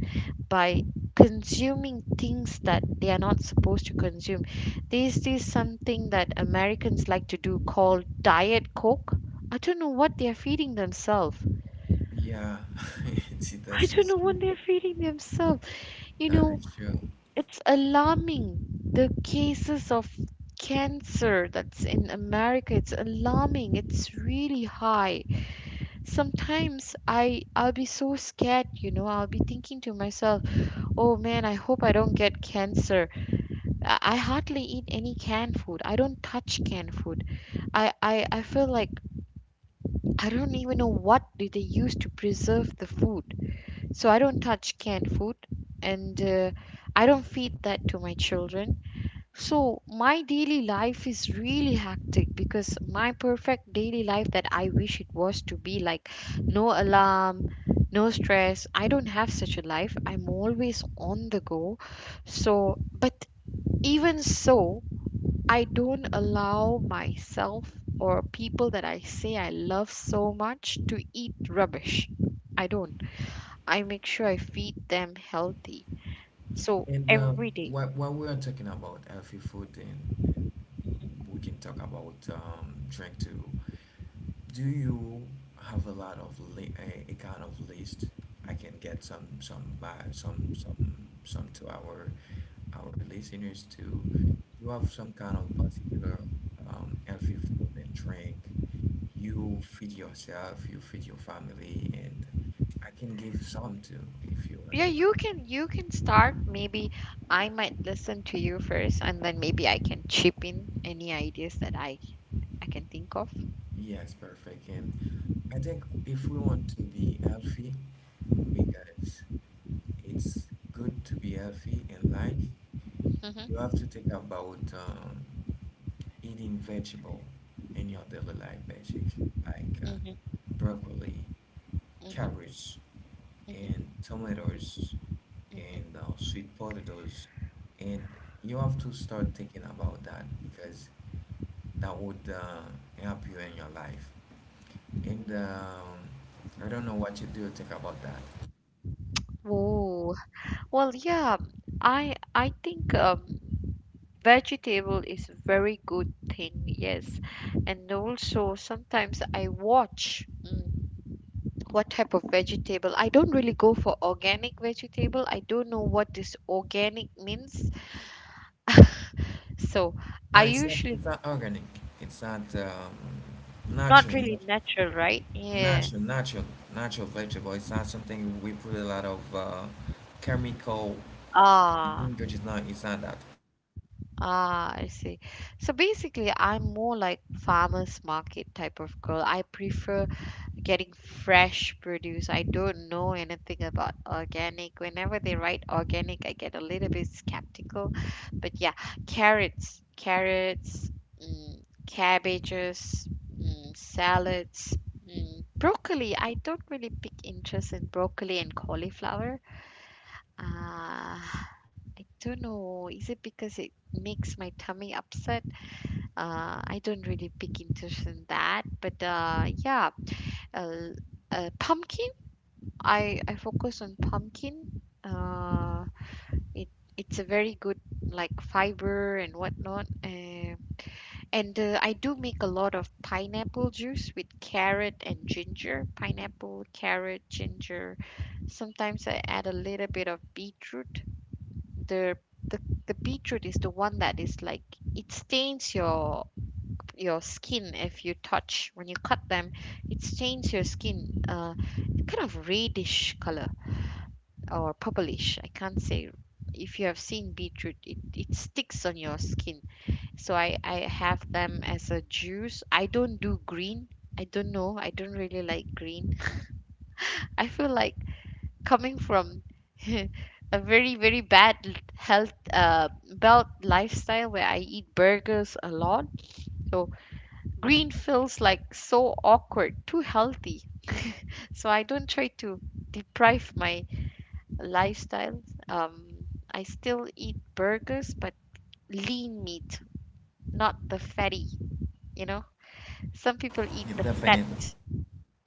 [SPEAKER 1] by consuming things that they are not supposed to consume. There's this something that Americans like to do called Diet Coke. I don't know what they are feeding themselves.
[SPEAKER 2] yeah,
[SPEAKER 1] I
[SPEAKER 2] that's
[SPEAKER 1] don't
[SPEAKER 2] is
[SPEAKER 1] know
[SPEAKER 2] true.
[SPEAKER 1] what they're feeding themselves you
[SPEAKER 2] That
[SPEAKER 1] know
[SPEAKER 2] is true.
[SPEAKER 1] It's alarming, the cases of cancer that's in America. It's alarming. It's really high. Sometimes I'll be so scared, you know. I'll be thinking to myself, "Oh man, I hope I don't get cancer." I hardly eat any canned food. I don't touch canned food. I feel like I don't even know what do they use to preserve the food. So I don't touch canned food, and I don't feed that to my children. So, my daily life is really hectic because my perfect daily life that I wish it was to be like no alarm, no stress. I don't have such a life. I'm always on the go. So, but even so, I don't allow myself or people that I say I love so much to eat rubbish. I don't. I make sure I feed them healthy. So,
[SPEAKER 2] And
[SPEAKER 1] every
[SPEAKER 2] um,
[SPEAKER 1] day.
[SPEAKER 2] what we are talking about healthy food, and we can talk about drink too. Do you have a lot of a kind of list? I can get some by some some to our listeners to you have some kind of particular healthy food and drink. You feed yourself, you feed your family, and I can give some too if you
[SPEAKER 1] Yeah,
[SPEAKER 2] want.
[SPEAKER 1] you can start. Maybe I might listen to you first, and then maybe I can chip in any ideas that I can think of.
[SPEAKER 2] Yes, perfect. And I think if we want to be healthy, because it's good to be healthy in life, you have
[SPEAKER 1] Mhm,
[SPEAKER 2] to think about eating vegetable in your daily life, basics like
[SPEAKER 1] mhm,
[SPEAKER 2] broccoli,
[SPEAKER 1] mhm,
[SPEAKER 2] carrots,
[SPEAKER 1] mhm,
[SPEAKER 2] and tomatoes,
[SPEAKER 1] mhm.
[SPEAKER 2] and sweet potatoes, and you have to start thinking about that because that would help you in your life. And I don't know what you do think about that.
[SPEAKER 1] Oh, well, yeah. I think vegetable is a very good thing. Yes, and also sometimes I watch. What type of vegetable? I don't really go for organic vegetable. I don't know what this organic means. So
[SPEAKER 2] No,
[SPEAKER 1] I
[SPEAKER 2] it's not.
[SPEAKER 1] usually
[SPEAKER 2] It's not organic. It's not
[SPEAKER 1] not really
[SPEAKER 2] natural.
[SPEAKER 1] natural, right? Yeah.
[SPEAKER 2] Natural, natural, natural vegetable. It's not something we put a lot of chemical
[SPEAKER 1] Ah,
[SPEAKER 2] ingredients. No, it's not that.
[SPEAKER 1] ah, I see. So basically, I'm more like farmers market type of girl. I prefer getting fresh produce. I don't know anything about organic. Whenever they write organic, I get a little bit skeptical. But yeah, carrots, cabbages, salads, broccoli. I don't really pick interest in broccoli and cauliflower. I don't know. Is it because it makes my tummy upset? I don't really pick interest in that. But yeah, uh, pumpkin. I focus on pumpkin. It it's a very good like fiber and whatnot. And I do make a lot of pineapple juice with carrot and ginger. Pineapple, carrot, ginger. Sometimes I add a little bit of beetroot. the the the beetroot is the one that is like it stains your skin if you touch when you cut them. It stains your skin, kind of reddish color or purplish, I can't say. If you have seen beetroot, it sticks on your skin. So I have them as a juice. I don't do green. I don't know, I don't really like green. I feel like coming from a very bad health belt lifestyle where I eat burgers a lot. So green feels like so awkward, too healthy. So I don't try to deprive my lifestyle. Um, I still eat burgers, but lean meat, not the fatty. You know, some people eat
[SPEAKER 2] Yeah,
[SPEAKER 1] the fat.
[SPEAKER 2] definitely.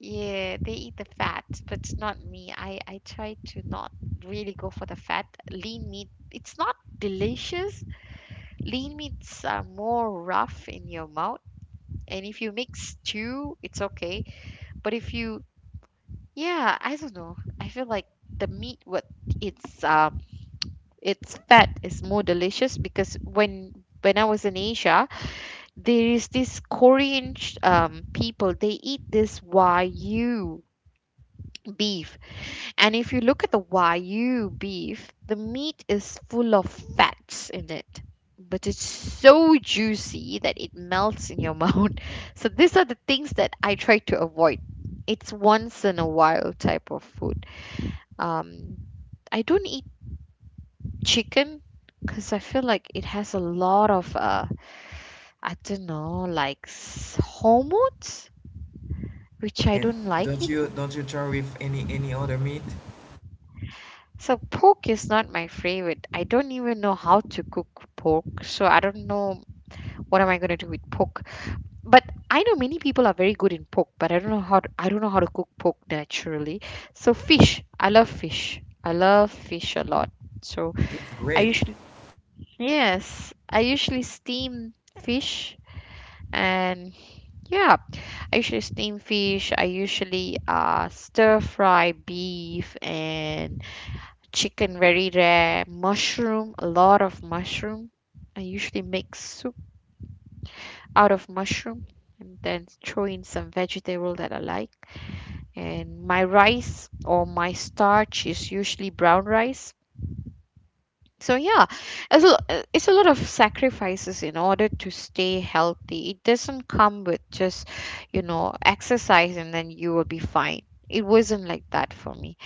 [SPEAKER 1] Yeah, they eat the fat, but not me. I try to not really go for the fat. Lean meat, it's not delicious. Lean meats are more rough in your mouth, and if you mix stew, it's okay. But if you, yeah, I don't know. I feel like the meat with its um its fat is more delicious because when I was in Asia, there is this Korean people, they eat this Wagyu beef. And if you look at the Wagyu beef, the meat is full of fats in it, but it's so juicy that it melts in your mouth. So these are the things that I try to avoid. It's once in a while type of food. Um, I don't eat chicken because I feel like it has a lot of I don't know, like hormones, which I
[SPEAKER 2] And
[SPEAKER 1] don't like
[SPEAKER 2] don't
[SPEAKER 1] it.
[SPEAKER 2] you don't you try with any other meat?
[SPEAKER 1] So pork is not my favorite. I don't even know how to cook pork, so I don't know what am I going to do with pork. But I know many people are very good in pork, but I don't know how to cook pork naturally. So fish, I love fish. I love fish a lot. So
[SPEAKER 2] It's
[SPEAKER 1] I
[SPEAKER 2] great.
[SPEAKER 1] usually yes, I usually steam fish and yeah, I usually steam fish. I usually stir fry beef and chicken very rare, mushroom, a lot of mushroom. I usually make soup out of mushroom and then throw in some vegetable that I like, and my rice or my starch is usually brown rice. So yeah, it's a lot of sacrifices in order to stay healthy. It doesn't come with just, you know, exercise and then you will be fine. It wasn't like that for me.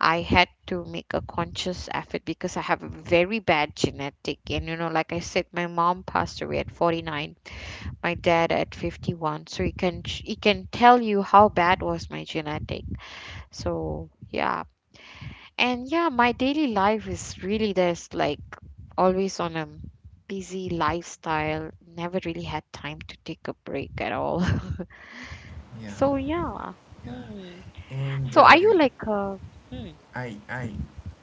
[SPEAKER 1] I had to make a conscious effort because I have a very bad genetic. And, you know, like I said, my mom passed away at 49, my dad at 51. So you can, it can tell you how bad was my genetic. So, yeah. And yeah, my daily life is really there's like always on a busy lifestyle. Never really had time to take a break at all.
[SPEAKER 2] Yeah,
[SPEAKER 1] So, yeah.
[SPEAKER 2] yeah.
[SPEAKER 1] Hmm.
[SPEAKER 2] And
[SPEAKER 1] So, are
[SPEAKER 2] uh,
[SPEAKER 1] you like a hmm,
[SPEAKER 2] I I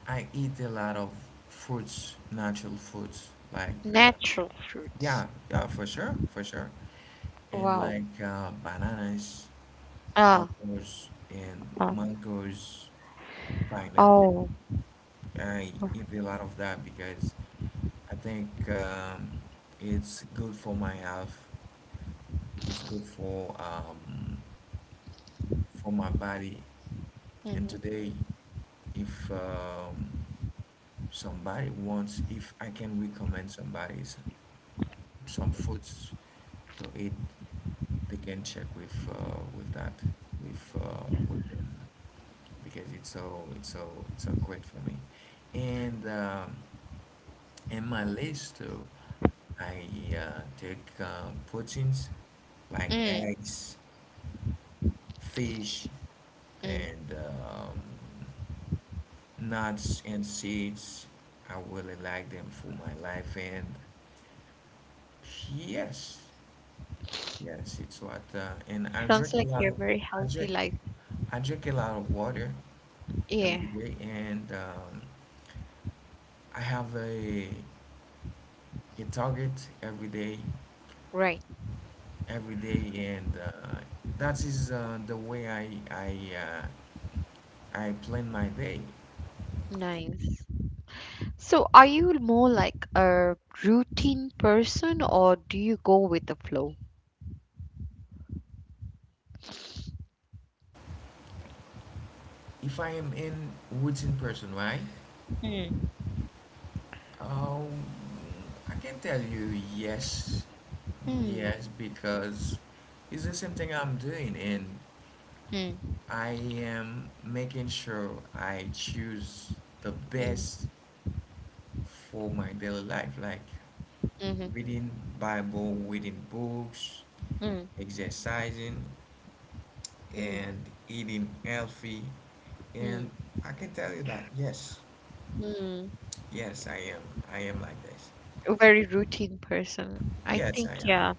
[SPEAKER 2] I eat a lot of fruits, natural fruits. Like
[SPEAKER 1] natural fruits?
[SPEAKER 2] yeah, yeah, for sure, for sure. And
[SPEAKER 1] Wow.
[SPEAKER 2] like bananas,
[SPEAKER 1] Ah,
[SPEAKER 2] apples, and
[SPEAKER 1] ah,
[SPEAKER 2] mangoes, pineapple.
[SPEAKER 1] oh,
[SPEAKER 2] I eat a lot of that because I think it's good for my health. It's good for my body. And
[SPEAKER 1] mm-hmm.
[SPEAKER 2] today, if somebody wants, if I can recommend some foods to eat, they can check with that, with them. Because it's so great for me. And in my list too, I take proteins like
[SPEAKER 1] Mm,
[SPEAKER 2] eggs, fish,
[SPEAKER 1] mm.
[SPEAKER 2] and nuts and seeds. I really like them for my life, and yes, yes, it's what. And I
[SPEAKER 1] Sounds
[SPEAKER 2] drink a
[SPEAKER 1] like
[SPEAKER 2] lot
[SPEAKER 1] you're
[SPEAKER 2] of,
[SPEAKER 1] very
[SPEAKER 2] I
[SPEAKER 1] healthy
[SPEAKER 2] drink
[SPEAKER 1] life.
[SPEAKER 2] I drink a lot of water
[SPEAKER 1] Yeah,
[SPEAKER 2] every day, and I have a you target every day,
[SPEAKER 1] right.
[SPEAKER 2] every day and that is the way I plan my day.
[SPEAKER 1] Nice. So, are you more like a routine person or do you go with the flow?
[SPEAKER 2] If I am in routine person, right?
[SPEAKER 1] Mm,
[SPEAKER 2] um, I can tell you yes,
[SPEAKER 1] mm,
[SPEAKER 2] yes, because it's the same thing I'm doing, and
[SPEAKER 1] mm,
[SPEAKER 2] I am making sure I choose the best
[SPEAKER 1] mm,
[SPEAKER 2] for my daily life, like
[SPEAKER 1] mm,
[SPEAKER 2] reading Bible, reading books,
[SPEAKER 1] mm,
[SPEAKER 2] exercising,
[SPEAKER 1] mm,
[SPEAKER 2] and eating healthy,
[SPEAKER 1] mm,
[SPEAKER 2] and I can tell you that, yes,
[SPEAKER 1] mm.
[SPEAKER 2] yes, I am like this,
[SPEAKER 1] A very routine person. I
[SPEAKER 2] yes,
[SPEAKER 1] think,
[SPEAKER 2] I am.
[SPEAKER 1] yeah.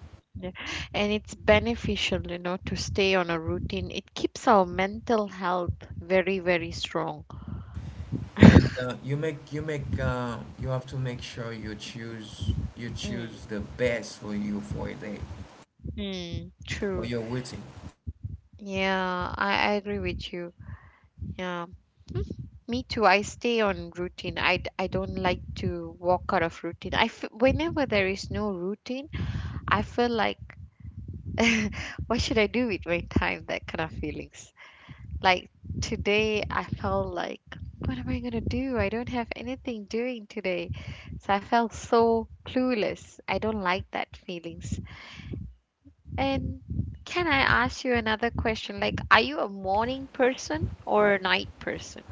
[SPEAKER 1] And it's beneficial, you know, to stay on a routine. It keeps our mental health very strong.
[SPEAKER 2] And you have to make sure you choose
[SPEAKER 1] Mm.
[SPEAKER 2] the best for you for a day,
[SPEAKER 1] Mm,
[SPEAKER 2] for
[SPEAKER 1] true.
[SPEAKER 2] your routine.
[SPEAKER 1] Yeah, I agree with you. Yeah. Hmm, me too. I stay on routine. I don't like to walk out of routine. I f whenever there is no routine, I feel like what should I do with my time? That kind of feelings. Like today, I felt like what am I gonna do? I don't have anything doing today. So I felt so clueless. I don't like that feelings. And can I ask you another question? Like, are you a morning person or a night person?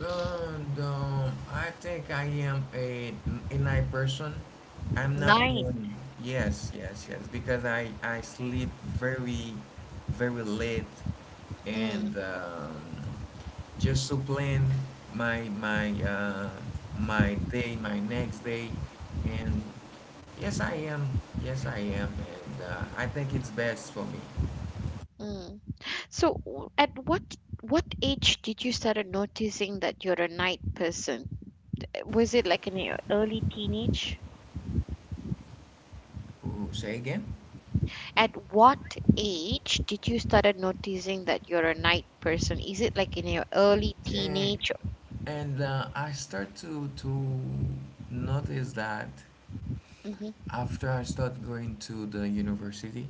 [SPEAKER 2] And I think I am a night person. I'm not
[SPEAKER 1] Night.
[SPEAKER 2] morning. Yes, yes, yes. Because I sleep very, very late, and
[SPEAKER 1] Mm,
[SPEAKER 2] um, just to plan my my uh, my day, my next day, and yes, I am. Yes, I am, and I think it's best for me.
[SPEAKER 1] mm. So, at what age did you started noticing that you're a night person? Was it like in your early teenage?
[SPEAKER 2] Ooh, say again?
[SPEAKER 1] At what age did you started noticing that you're a night person? Is it like in your early teenage?
[SPEAKER 2] And I start to notice that
[SPEAKER 1] Hmm.
[SPEAKER 2] after I start going to the university,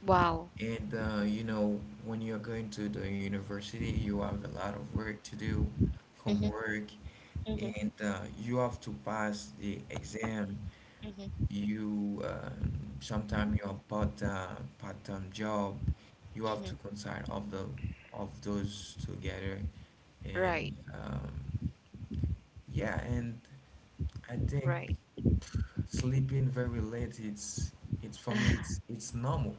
[SPEAKER 1] Wow.
[SPEAKER 2] and you know, when you're going to the university, you have a lot of work to do,
[SPEAKER 1] Hmm,
[SPEAKER 2] homework,
[SPEAKER 1] hmm,
[SPEAKER 2] and you have to pass the exam.
[SPEAKER 1] hmm,
[SPEAKER 2] You sometimes you have part-time job. You have
[SPEAKER 1] hmm.
[SPEAKER 2] to consider of the of those together,
[SPEAKER 1] Right,
[SPEAKER 2] and yeah, and. I think
[SPEAKER 1] right.
[SPEAKER 2] sleeping very late, it's for me, it's it's normal.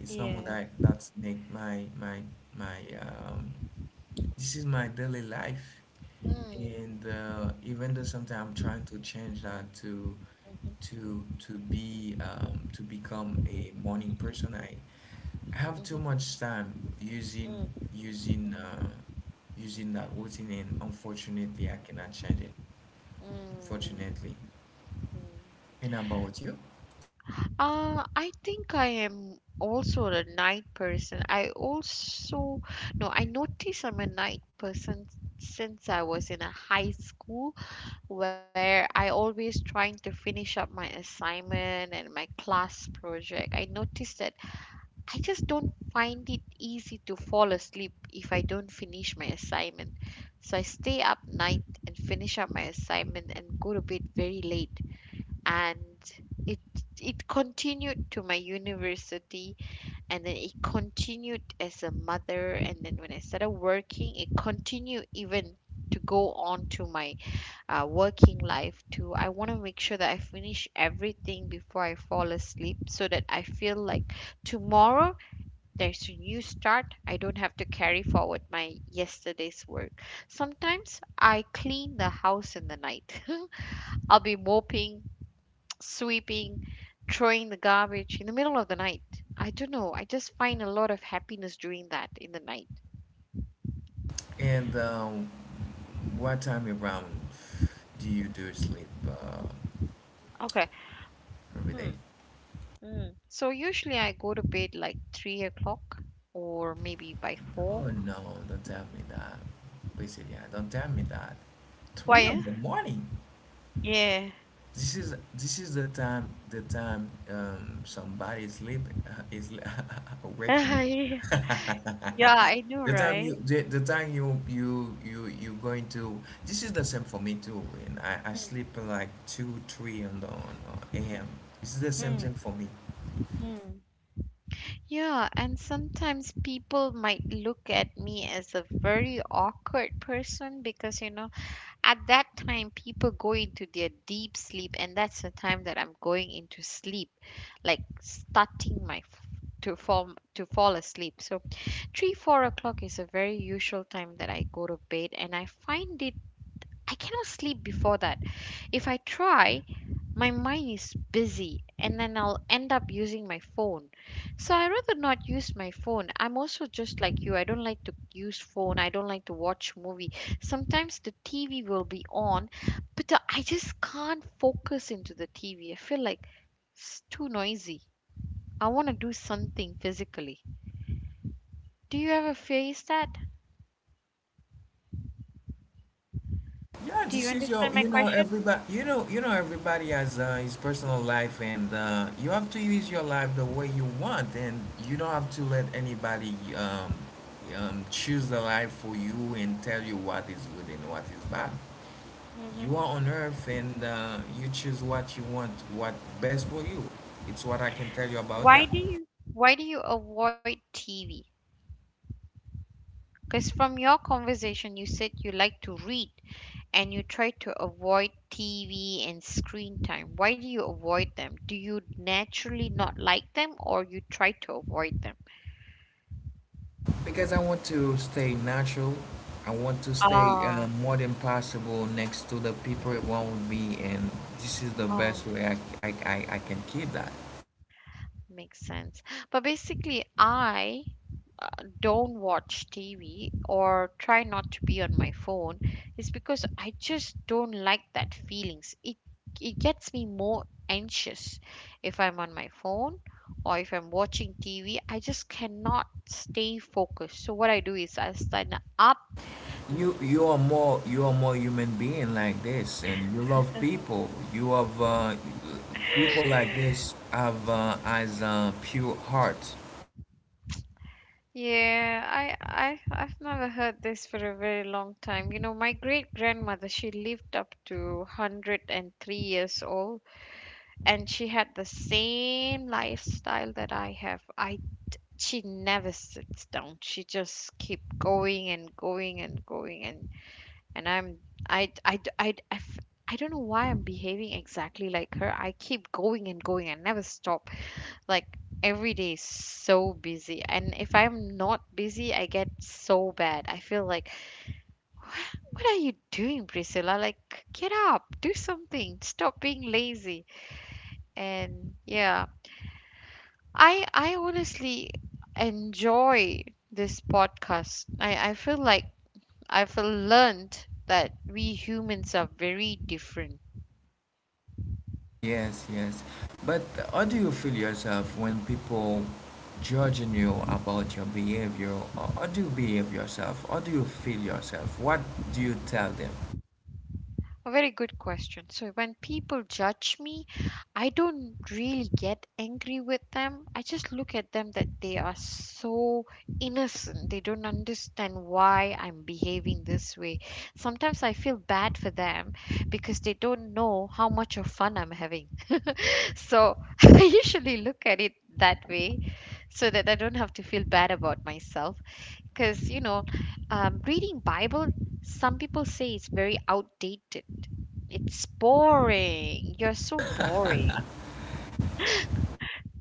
[SPEAKER 2] It's normal
[SPEAKER 1] Yeah.
[SPEAKER 2] that's like my this is my daily life,
[SPEAKER 1] Mm.
[SPEAKER 2] and even though sometimes I'm trying to change that to become a morning person, I have
[SPEAKER 1] Mm-hmm.
[SPEAKER 2] too much time using
[SPEAKER 1] Mm.
[SPEAKER 2] using uh using that routine, and unfortunately I cannot change it,
[SPEAKER 1] Mm.
[SPEAKER 2] unfortunately.
[SPEAKER 1] Mm.
[SPEAKER 2] And about you?
[SPEAKER 1] I think I am also a night person. I also, no, I notice I'm a night person since I was in a high school where I always trying to finish up my assignment and my class project. I noticed that I just don't find it easy to fall asleep if I don't finish my assignment. So I stay up night and finish up my assignment and go to bed very late. And it it continued to my university, and then it continued as a mother, and then when I started working it continued even to go on to my working life too. I want to make sure that I finish everything before I fall asleep so that I feel like tomorrow there's a new start. I don't have to carry forward my yesterday's work. Sometimes I clean the house in the night. I'll be moping, sweeping, throwing the garbage in the middle of the night. I don't know. I just find a lot of happiness doing that in the night.
[SPEAKER 2] And what time around do you do sleep
[SPEAKER 1] Okay.
[SPEAKER 2] every
[SPEAKER 1] Hmm.
[SPEAKER 2] day?
[SPEAKER 1] Hmm. So usually I go to bed like 3 o'clock or maybe by 4.
[SPEAKER 2] Oh no, don't tell me that. Please, yeah, don't tell me that.
[SPEAKER 1] Why,
[SPEAKER 2] Three
[SPEAKER 1] eh?
[SPEAKER 2] in the morning.
[SPEAKER 1] Yeah.
[SPEAKER 2] This is the time, somebody sleep is waking.
[SPEAKER 1] Yeah, yeah. I know, right?
[SPEAKER 2] The time you going to. This is the same for me too. And I sleep like two three in the a.m. This is the same
[SPEAKER 1] Hmm.
[SPEAKER 2] thing for me.
[SPEAKER 1] Hmm. Yeah, and sometimes people might look at me as a very awkward person, because you know, at that time, people go into their deep sleep, and that's the time that I'm going into sleep, like starting my to fall asleep. So, 3 4 o'clock is a very usual time that I go to bed, and I find it I cannot sleep before that. If I try, my mind is busy and then I'll end up using my phone. So I rather not use my phone. I'm also just like you. I don't like to use phone. I don't like to watch movie. Sometimes the TV will be on, but I just can't focus into the TV. I feel like it's too noisy. I want to do something physically. Do you ever face that?
[SPEAKER 2] Yeah,
[SPEAKER 1] Do
[SPEAKER 2] this
[SPEAKER 1] you
[SPEAKER 2] is your,
[SPEAKER 1] understand my question?
[SPEAKER 2] everybody, everybody has his personal life, and you have to use your life the way you want, and you don't have to let anybody choose the life for you and tell you what is good and what is bad. You
[SPEAKER 1] Hmm.
[SPEAKER 2] are on earth, and you choose what you want, what best for you. It's what I can tell you about
[SPEAKER 1] Why
[SPEAKER 2] that.
[SPEAKER 1] do you why do you avoid TV? Because from your conversation, you said you like to read, and you try to avoid TV and screen time. Why do you avoid them? Do you naturally not like them, or you try to avoid them?
[SPEAKER 2] Because I want to stay natural. I want to stay
[SPEAKER 1] Ah,
[SPEAKER 2] more than possible next to the people around me, and this is the best
[SPEAKER 1] ah.
[SPEAKER 2] way I can keep that.
[SPEAKER 1] Makes sense. But basically, I uh, don't watch TV or try not to be on my phone is because I just don't like that feelings. It gets me more anxious if I'm on my phone or if I'm watching TV. I just cannot stay focused. So what I do is I stand up.
[SPEAKER 2] You are more human being like this, and you love people. You have People like this have as a pure heart.
[SPEAKER 1] Yeah, I I've never heard this for a very long time. You know, my great grandmother, she lived up to 103 years old. And she had the same lifestyle that I have. I She never sits down. She just keep going and going and going. And I'm I I I I, f- I don't know why I'm behaving exactly like her. I keep going and going and never stop. Like every day is so busy, and if I'm not busy, I get so bad. I feel like what are you doing, Priscilla? Like get up, do something. Stop being lazy. And yeah, I honestly enjoy this podcast. I feel like I've learned that we humans are very different.
[SPEAKER 2] Yes, yes. But how do you feel yourself when people judging you about your behavior? Or how do you behave yourself? How do you feel yourself? What do you tell them?
[SPEAKER 1] A very good question. So when people judge me, I don't really get angry with them. I just look at them that they are so innocent. They don't understand why I'm behaving this way. Sometimes I feel bad for them because they don't know how much of fun I'm having. So I usually look at it that way so that I don't have to feel bad about myself. Because, you know, reading Bible, some people say it's very outdated. It's boring. You're so boring.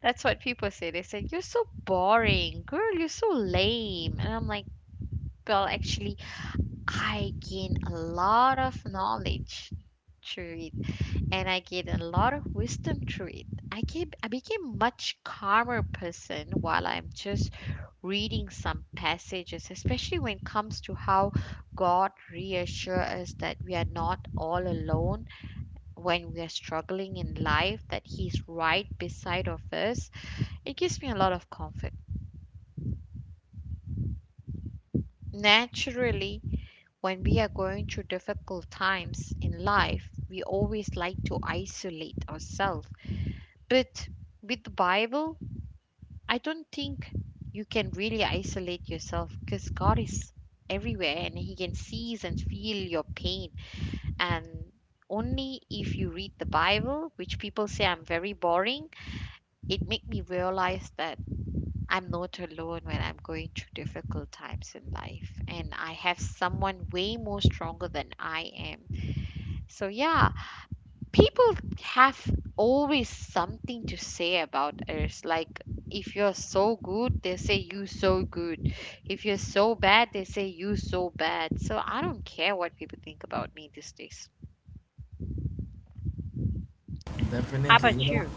[SPEAKER 1] That's what people say. They say, you're so boring. Girl, you're so lame. And I'm like, well, actually, I gain a lot of knowledge through it. And I gained a lot of wisdom through it. I became a much calmer person while I'm just reading some passages, especially when it comes to how God reassures us that we are not all alone when we are struggling in life, that He's right beside of us. It gives me a lot of comfort. Naturally, when we are going through difficult times in life, we always like to isolate ourselves. But with the Bible, I don't think you can really isolate yourself because God is everywhere, and He can seize and feel your pain. And only if you read the Bible, which people say I'm very boring, it made me realize that I'm not alone when I'm going through difficult times in life. And I have someone way more stronger than I am. So, yeah, people have always something to say about us. Like if you're so good they say you so good, if you're so bad they say you so bad. So I don't care what people think about me these days. How
[SPEAKER 2] Definitely,
[SPEAKER 1] about
[SPEAKER 2] you know,
[SPEAKER 1] you?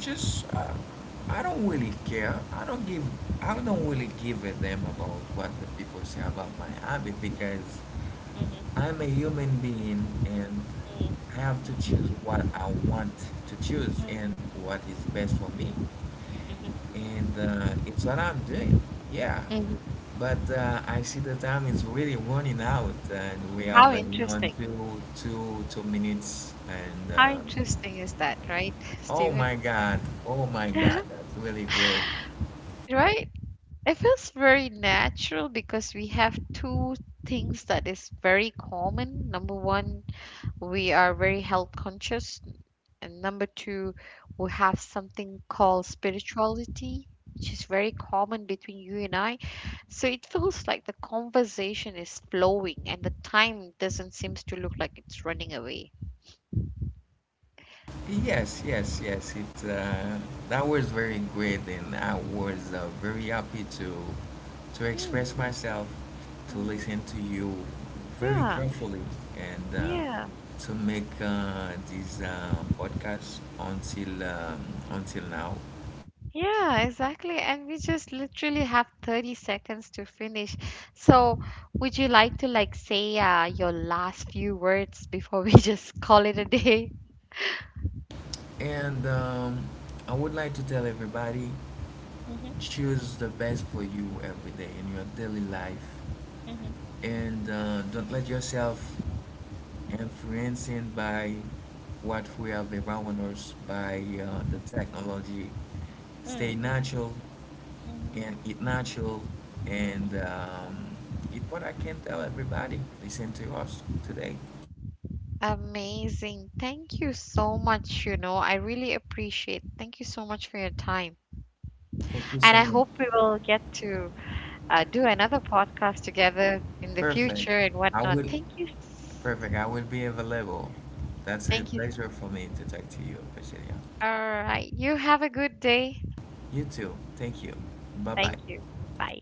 [SPEAKER 2] just I don't really care. I don't give. I don't really give a damn about what the people say about my habit, because
[SPEAKER 1] Mm-hmm.
[SPEAKER 2] I'm a human being and I have to choose what I want to choose and
[SPEAKER 1] Mm-hmm.
[SPEAKER 2] what is best for me. And it's what I'm doing. Yeah.
[SPEAKER 1] Mhm.
[SPEAKER 2] But I see the time is really running out, and we
[SPEAKER 1] How
[SPEAKER 2] have you know,
[SPEAKER 1] interesting.
[SPEAKER 2] two two minutes, and
[SPEAKER 1] How
[SPEAKER 2] uh,
[SPEAKER 1] interesting is that, right?
[SPEAKER 2] oh
[SPEAKER 1] Stephen.
[SPEAKER 2] my God. Oh my God. That's really great.
[SPEAKER 1] Right, it feels very natural because we have two things that is very common. Number one, we are very health conscious. And number two, we have something called spirituality, which is very common between you and I. So it feels like the conversation is flowing, and the time doesn't seem to look like it's running away.
[SPEAKER 2] Yes, yes, yes. It that was very great, and I was very happy to express
[SPEAKER 1] Mm,
[SPEAKER 2] myself, to
[SPEAKER 1] mm.
[SPEAKER 2] listen to you very
[SPEAKER 1] Yeah,
[SPEAKER 2] carefully, and
[SPEAKER 1] yeah,
[SPEAKER 2] to make this podcast until now.
[SPEAKER 1] yeah, exactly. And we just literally have 30 seconds to finish. So, would you like to like say your last few words before we just call it a day?
[SPEAKER 2] And I would like to tell everybody,
[SPEAKER 1] Hmm.
[SPEAKER 2] choose the best for you every day in your daily life,
[SPEAKER 1] Hmm.
[SPEAKER 2] and don't let yourself influencing by what we have around us by the technology. Stay
[SPEAKER 1] Mm,
[SPEAKER 2] natural
[SPEAKER 1] mhm.
[SPEAKER 2] and eat natural, and eat, what I can tell everybody, listen to us today.
[SPEAKER 1] Amazing. Thank you so much. You know, I really appreciate. Thank you so much for your time.
[SPEAKER 2] Thank you
[SPEAKER 1] And
[SPEAKER 2] so
[SPEAKER 1] I
[SPEAKER 2] much.
[SPEAKER 1] hope we will get to do another podcast together in the
[SPEAKER 2] Perfect.
[SPEAKER 1] future and
[SPEAKER 2] i
[SPEAKER 1] whatnot.
[SPEAKER 2] will
[SPEAKER 1] Thank you.
[SPEAKER 2] I will be available. That's a
[SPEAKER 1] Thank you.
[SPEAKER 2] pleasure for me to talk to you, Priscilla.
[SPEAKER 1] All right. You have a good day.
[SPEAKER 2] You too, thank you. Bye bye.
[SPEAKER 1] Thank you. Bye.